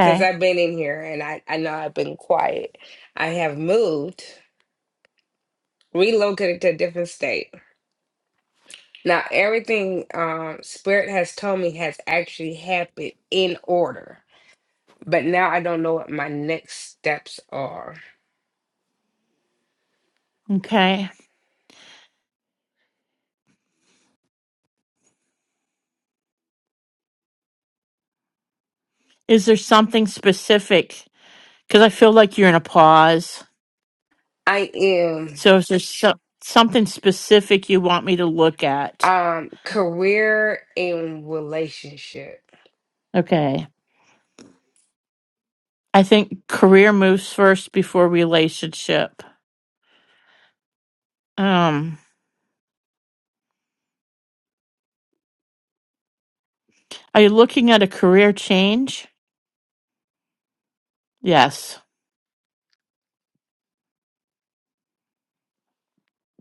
Speaker 10: since I've been in here, and I I know I've been quiet. I have moved. relocated to a different state. Now, everything um, Spirit has told me has actually happened in order, but now I don't know what my next steps are.
Speaker 1: Okay. Is there something specific? Because I feel like you're in a pause.
Speaker 10: I am
Speaker 1: So is there so- something specific you want me to look at?
Speaker 10: um, career and relationship.
Speaker 1: Okay. I think career moves first before relationship. Um, are you looking at a career change? Yes.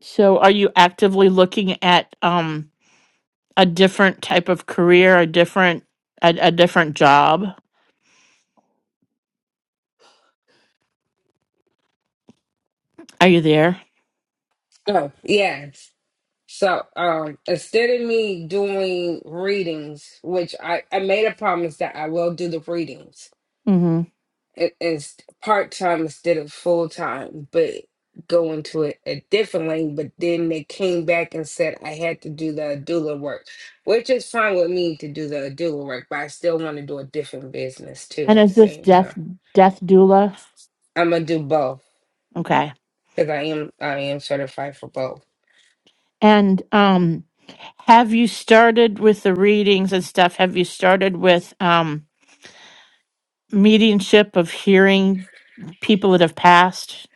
Speaker 1: So are you actively looking at um a different type of career, a different a, a different job? Are you there?
Speaker 10: Oh, yes. So um, instead of me doing readings, which I, I made a promise that I will do the readings,
Speaker 1: Mhm.
Speaker 10: a- as part time instead of full time, but going to a, a different lane. But then they came back and said I had to do the doula work, which is fine with me to do the doula work, but I still want to do a different business too
Speaker 1: And
Speaker 10: at the
Speaker 1: is this
Speaker 10: same
Speaker 1: death
Speaker 10: time.
Speaker 1: death doula?
Speaker 10: I'm gonna do both
Speaker 1: Okay.
Speaker 10: because I am I am certified for both.
Speaker 1: And um have you started with the readings and stuff? Have you started with um mediumship of hearing people that have passed?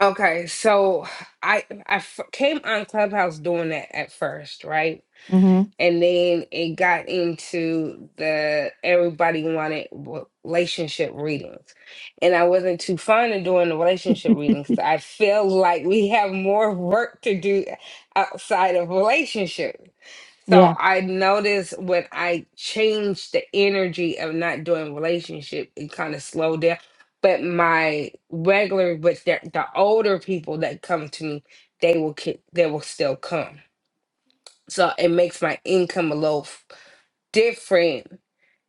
Speaker 10: Okay, so I I f- came on Clubhouse doing that at first, right?
Speaker 1: Mhm.
Speaker 10: and then it got into the everybody wanted w- relationship readings and i wasn't too fond of doing the relationship readings because i feel like we have more work to do outside of relationship so
Speaker 1: Yeah.
Speaker 10: i noticed when i changed the energy of not doing relationship it kind of slowed down but my regular but the, the older people that come to me they will ki- they will still come so it makes my income a little different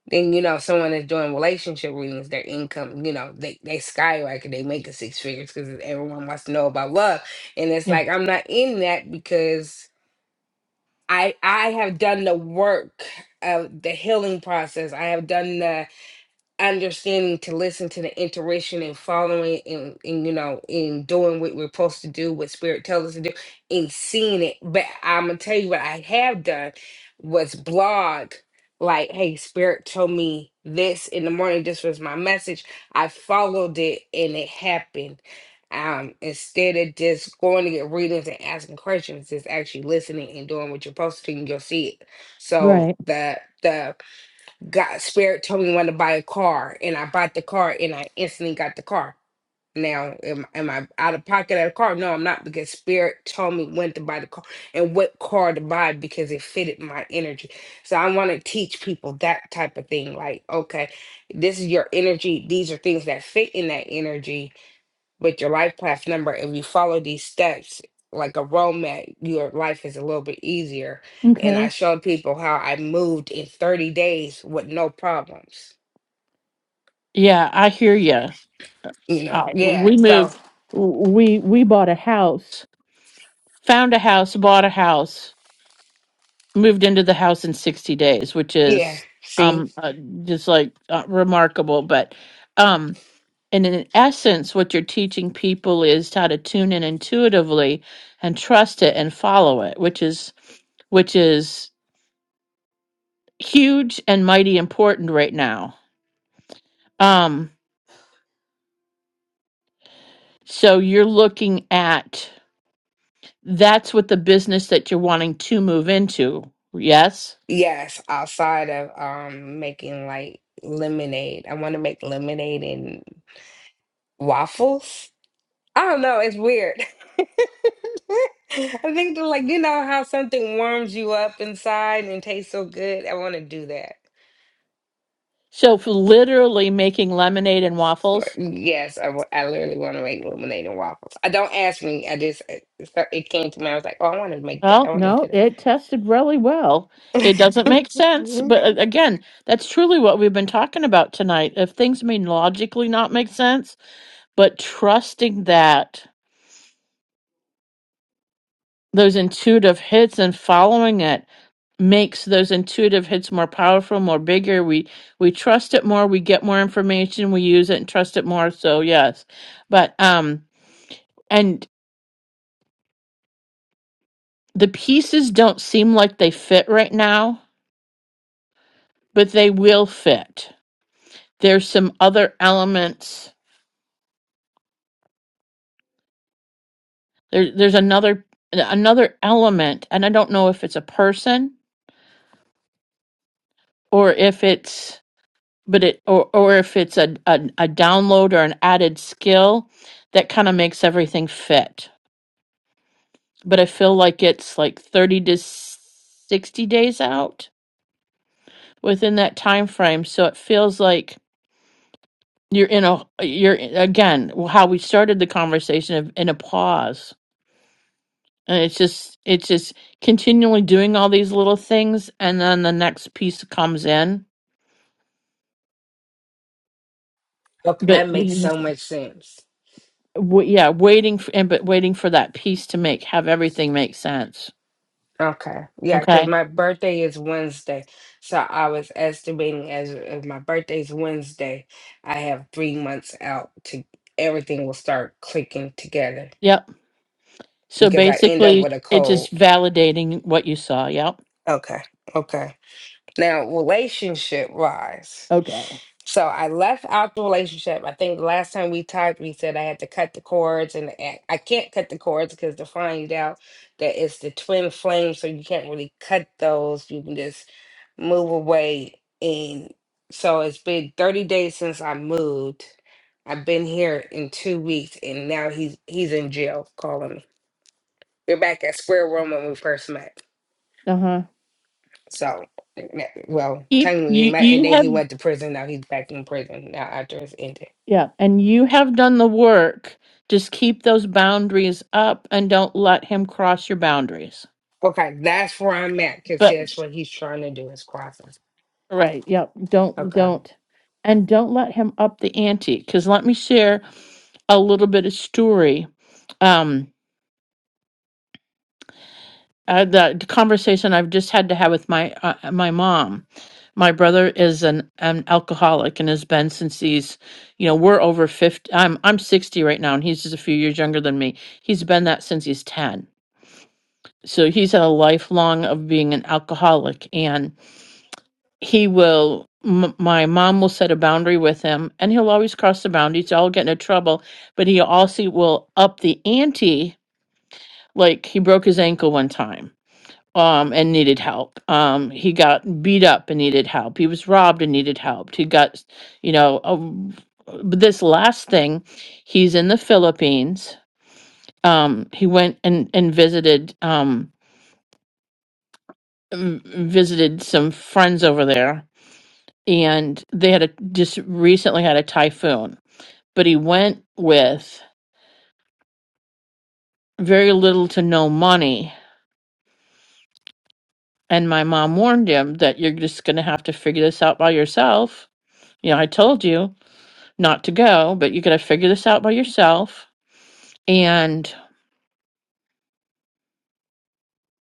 Speaker 10: than you know someone that's doing relationship readings their income you know they they skyrocket they make a six figures because everyone wants to know about love and it's
Speaker 1: Yeah.
Speaker 10: like i'm not in that because i i have done the work of the healing process i have done the understanding to listen to the intuition and following and, and you know and doing what we're supposed to do what spirit tells us to do and seeing it but i'm gonna tell you what i have done was blog like hey spirit told me this in the morning this was my message i followed it and it happened um instead of just going to get readings and asking questions just actually listening and doing what you're supposed to do and you'll see it so
Speaker 1: Right.
Speaker 10: the the God spirit told me when to buy a car, and I bought the car, and I instantly got the car. Now, am, am I out of pocket at a car? No, I'm not because spirit told me when to buy the car and what car to buy because it fitted my energy. So I want to teach people that type of thing. Like, okay, this is your energy. These are things that fit in that energy with your life path number, if you follow these steps like a roadmap, your life is a little bit easier. And I
Speaker 1: Okay.
Speaker 10: showed people how I moved in 30 days with no problems.
Speaker 1: Yeah, I hear you.
Speaker 10: You know,
Speaker 1: Uh,
Speaker 10: yeah.
Speaker 1: we
Speaker 10: So
Speaker 1: moved. We we bought a house, found a house, bought a house, moved into the house in sixty days, which
Speaker 10: yeah,
Speaker 1: is
Speaker 10: see,
Speaker 1: um uh, just like uh, remarkable. But um, and in essence, what you're teaching people is how to tune in intuitively and trust it and follow it, which is which is huge and mighty important right now. Um, so you're looking at That's what the business that you're wanting to move into. Yes.
Speaker 10: yes, outside of um making like lemonade. I want to make lemonade and waffles. I don't know, it's weird. I think they're like, you know how something warms you up inside and tastes so good. I want to do that.
Speaker 1: So for literally making lemonade and waffles.
Speaker 10: Yes, I, wa- I literally want to make lemonade and waffles. I don't ask me. I just it it came to me. I was like, oh, I want to make that. I
Speaker 1: Well,
Speaker 10: want to do
Speaker 1: no, it tested really well.
Speaker 10: that.
Speaker 1: It doesn't make sense,
Speaker 10: Mhm.
Speaker 1: but a- again, that's truly what we've been talking about tonight. If things may logically not make sense, but trusting that those intuitive hits and following it makes those intuitive hits more powerful, more bigger. We we trust it more, we get more information, we use it and trust it more. So yes. But um and the pieces don't seem like they fit right now, but they will fit. There's some other elements. There there's another another element and I don't know if it's a person or if it's but it or or if it's a a, a download or an added skill that kind of makes everything fit but I feel like it's like 30 to 60 days out within that time frame. So it feels like you're in a you're again how we started the conversation of in a pause. And it's just it's just continually doing all these little things and then the next piece comes in.
Speaker 10: Okay,
Speaker 1: But
Speaker 10: that makes
Speaker 1: w-
Speaker 10: so much sense.
Speaker 1: yeah, waiting for, and but waiting for that piece to make have everything make sense.
Speaker 10: Okay, yeah, because
Speaker 1: Okay.
Speaker 10: my birthday is Wednesday, so I was estimating as as my birthday's Wednesday, I have three months out to everything will start clicking together
Speaker 1: Yep. So
Speaker 10: because I end up
Speaker 1: basically
Speaker 10: with a
Speaker 1: it's
Speaker 10: cold.
Speaker 1: just validating what you saw. Yep.
Speaker 10: Okay, okay. Now relationship wise.
Speaker 1: Okay.
Speaker 10: So I left out the relationship. I think the last time we talked, we said I had to cut the cords, and I I can't cut the cords because to find out that it's the twin flame, so you can't really cut those. You can just move away. And so it's been 30 days since I moved. I've been here in two weeks, and now he's he's in jail calling me. We're back at square one when we first met.
Speaker 1: Uh huh.
Speaker 10: So, n- well,
Speaker 1: keep
Speaker 10: technically we
Speaker 1: you
Speaker 10: met, and
Speaker 1: you
Speaker 10: then he
Speaker 1: have
Speaker 10: went to prison. Now he's back in prison now after it's ended.
Speaker 1: yeah and you have done the work just keep those boundaries up and don't let him cross your boundaries
Speaker 10: Okay, that's where I'm at because
Speaker 1: but
Speaker 10: that's what he's trying to do is crossing.
Speaker 1: right yeah don't
Speaker 10: Okay.
Speaker 1: don't and don't let him up the ante because let me share a little bit of story Um. uh, the conversation I've just had to have with my uh, my mom. My brother is an, an alcoholic and has been since he's, you know, we're over fifty. I'm I'm sixty right now, and he's just a few years younger than me. He's been that since he's ten. So he's had a lifelong of being an alcoholic, and he will. M- my mom will set a boundary with him, and he'll always cross the boundary. So I'll get into trouble, but he also will up the ante. Like he broke his ankle one time um, and needed help. Um, he got beat up and needed help. He was robbed and needed help. He got, you know, um, but this last thing, he's in the Philippines. Um, he went and and visited um, v- visited some friends over there, and they had a just recently had a typhoon. But he went with very little to no money. And my mom warned him that you're just going to have to figure this out by yourself. You know, I told you not to go, but you got to figure this out by yourself. And,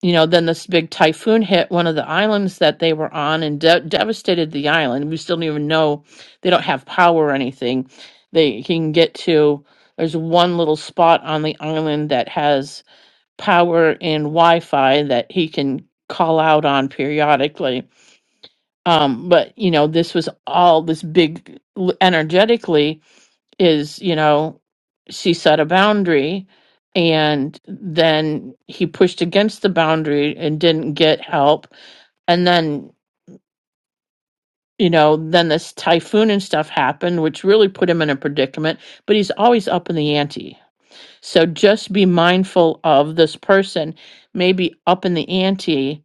Speaker 1: you know, then this big typhoon hit one of the islands that they were on and de- devastated the island. We still don't even know, they don't have power or anything. They can get to, there's one little spot on the island that has power and Wi Fi that he can call out on periodically. Um, but, you know, this was all this big energetically. is, you know, she set a boundary and then he pushed against the boundary and didn't get help. And then, you know, then this typhoon and stuff happened, which really put him in a predicament, but he's always up in the ante. So just be mindful of this person, maybe up in the ante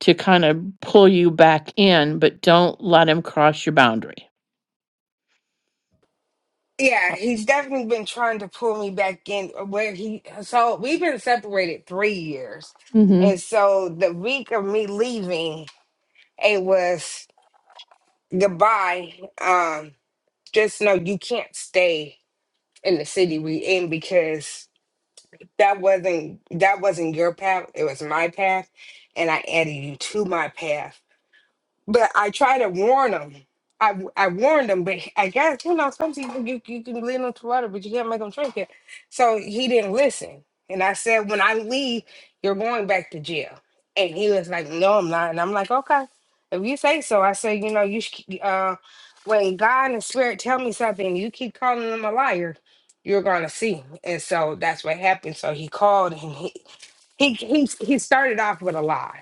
Speaker 1: to kind of pull you back in, but don't let him cross your boundary.
Speaker 10: Yeah, he's definitely been trying to pull me back in uh, where he so we've been separated three years.
Speaker 1: Mm
Speaker 10: And so the week of me leaving, it was goodbye. Um, just know you can't stay in the city we in because that wasn't that wasn't your path, it was my path, and I added you to my path But I try to warn them. I, I warned him, but I guess, you know, some people you, you can lead them to water, but you can't make them drink it. So he didn't listen. And I said, when I leave, you're going back to jail. And he was like, no, I'm not. And I'm like, okay, if you say so. I said, you know, you should, uh, when God and the spirit tell me something, you keep calling them a liar, you're going to see. And so that's what happened. So he called and he, he, he, he started off with a lie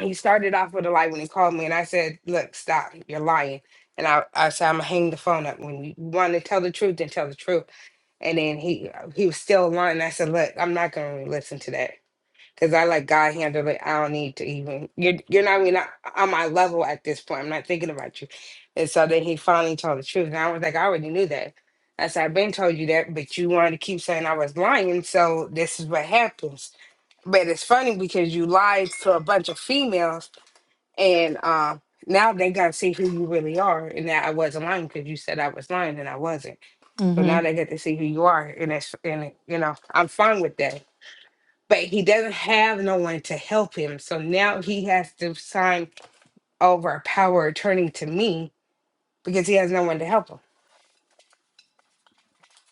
Speaker 10: he started off with a lie when he called me, and I said, "Look, stop! You're lying." And I, I said, "I'm gonna hang the phone up. When you want to tell the truth, then tell the truth." And then he, uh, he was still lying. I said, "Look, I'm not gonna really listen to that because I let God handle it. I don't need to even. You're, you're not even on my level at this point. I'm not thinking about you." And so then he finally told the truth, and I was like, "I already knew that." I said, "I've been told you that, but you wanted to keep saying I was lying, so this is what happens." But it's funny because you lied to a bunch of females and uh, now they got to see who you really are, and that I wasn't lying because you said I was lying, and I wasn't. So
Speaker 1: hmm.
Speaker 10: now they get to see who you are, and that's and you know I'm fine with that. But he doesn't have no one to help him, so now he has to sign over a power of attorney to me because he has no one to help him.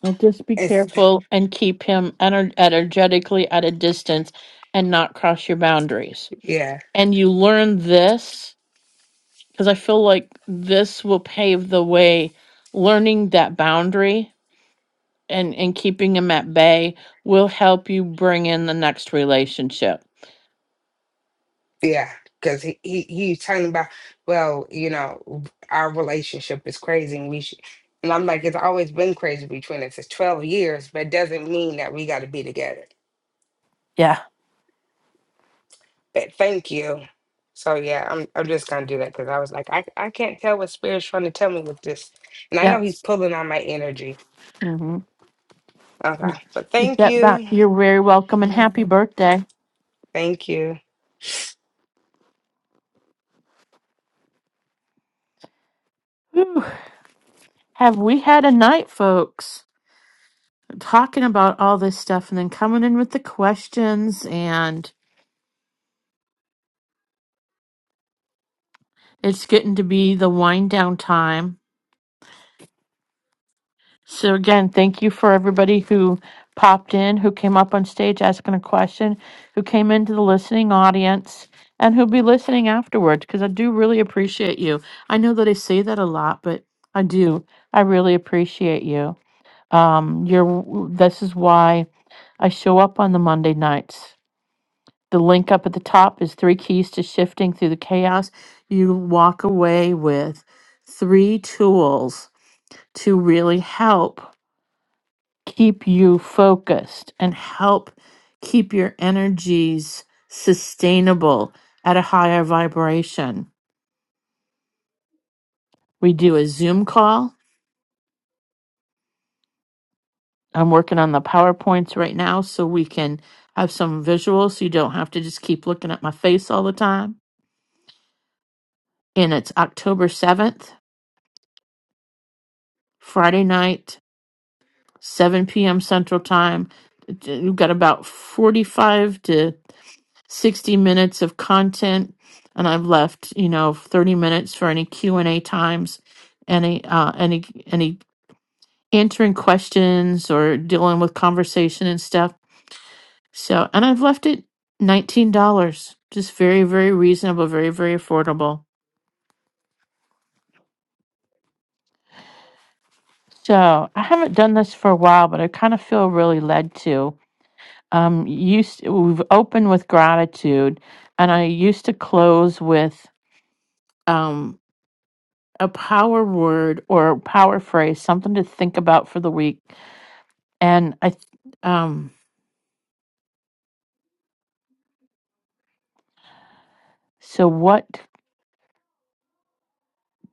Speaker 1: Well, just be
Speaker 10: It's
Speaker 1: careful and keep him ener- energetically at a distance and not cross your boundaries.
Speaker 10: yeah.
Speaker 1: And you learn this because I feel like this will pave the way. Learning that boundary and, and keeping him at bay will help you bring in the next relationship.
Speaker 10: Yeah, because he, he he's talking about, well, you know, our relationship is crazy and we should and I'm like, it's always been crazy between us. It's twelve years, but it doesn't mean that we gotta be together.
Speaker 1: Yeah.
Speaker 10: But thank you. So yeah, I'm I'm just gonna do that because I was like, I I can't tell what spirit's trying to tell me with this. And I know he's
Speaker 1: Yes.
Speaker 10: pulling on my energy.
Speaker 1: hmm
Speaker 10: Okay. But
Speaker 1: Keep
Speaker 10: thank
Speaker 1: that back.
Speaker 10: you.
Speaker 1: You're very welcome and
Speaker 10: Mhm.
Speaker 1: happy birthday.
Speaker 10: Thank you.
Speaker 1: Whew. Have we had a night, folks? talking about all this stuff and then coming in with the questions and it's getting to be the wind down time. So again, thank you for everybody who popped in, who came up on stage asking a question, who came into the listening audience and who'll be listening afterwards because I do really appreciate you. I know that I say that a lot, but I do. I really appreciate you. Um you're this is why I show up on the Monday nights the link up at the top is three keys to shifting through the chaos. You walk away with three tools to really help keep you focused and help keep your energies sustainable at a higher vibration. We do a Zoom call. I'm working on the PowerPoints right now so we can have some visuals so you don't have to just keep looking at my face all the time. And it's October 7th, Friday night, 7 p.m. Central Time. You've got about 45 to 60 minutes of content, and I've left, you know, 30 minutes for any Q and A times, any uh, any any answering questions or dealing with conversation and stuff. So, and I've left it $19, just very very reasonable, very very affordable. So I haven't done this for a while, but I kind of feel really led to. um used we've opened with gratitude and i used to close with um a power word or a power phrase something to think about for the week and i th- um so what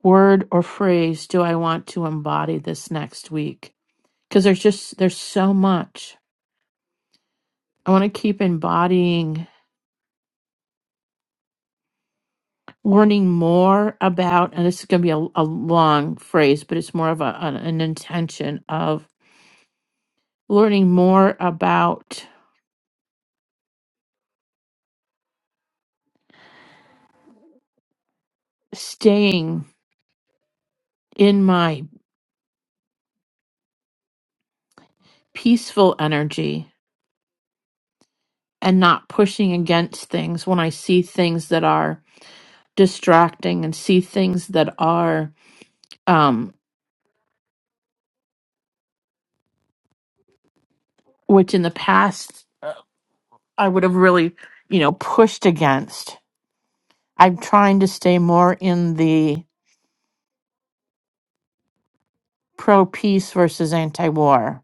Speaker 1: word or phrase do i want to embody this next week because there's just there's so much i want to keep embodying learning more about and this is going to be a, a long phrase but it's more of a, an, an intention of learning more about staying in my peaceful energy and not pushing against things when I see things that are distracting and see things that are, um, which in the past I would have really, you know, pushed against. I'm trying to stay more in the pro peace versus anti war.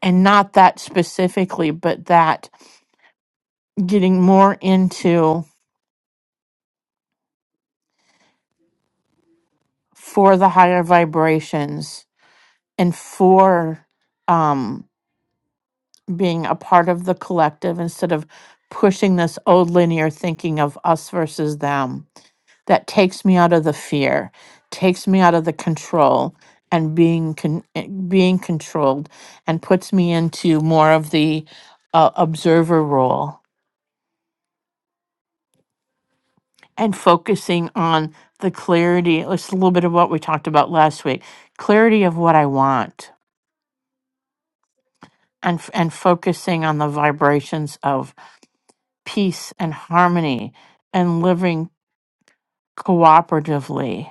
Speaker 1: And not that specifically, but that getting more into for the higher vibrations and for um, being a part of the collective instead of pushing this old linear thinking of us versus them that takes me out of the fear takes me out of the control and being con- eh, being controlled and puts me into more of the uh, observer role and focusing on the clarity it's a little bit of what we talked about last week clarity of what i want and f- and focusing on the vibrations of peace and harmony and living cooperatively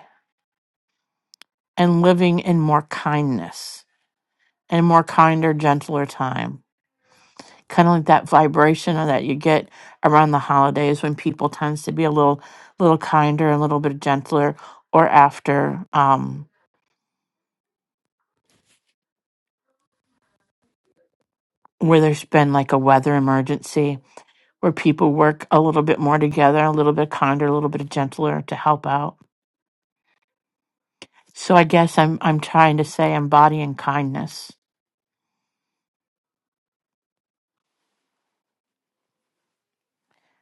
Speaker 1: and living in more kindness and more kinder, gentler time. Kind of like that vibration that you get around the holidays when people tends to be a little, little kinder, a little bit gentler, or after um, where there's been like a weather emergency where people work a little bit more together, a little bit kinder, a little bit gentler to help out. So I guess I'm I'm trying to say embodying kindness.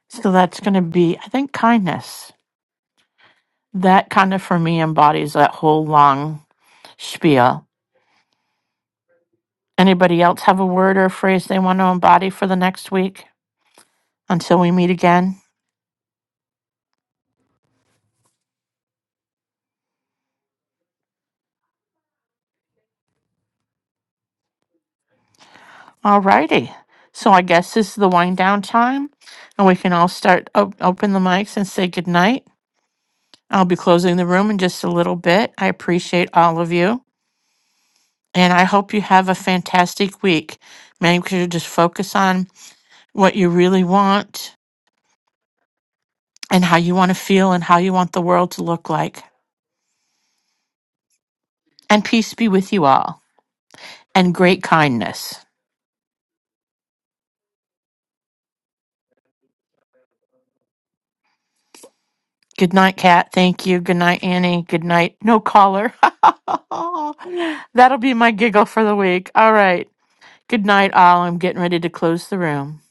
Speaker 1: So that's going to be I think kindness That kind of, for me, embodies that whole long spiel. Anybody else have a word or a phrase they want to embody for the next week until we meet again? All righty. So I guess this is the wind down time, and we can all start op- open the mics and say goodnight. I'll be closing the room in just a little bit. I appreciate all of you, and I hope you have a fantastic week. Make sure to just focus on what you really want and how you want to feel and how you want the world to look like. and peace be with you all, and great kindness. Good night, Kat. Thank you. Good night, Annie. Good night. No caller. That'll be my giggle for the week. All right. Good night, all. I'm getting ready to close the room.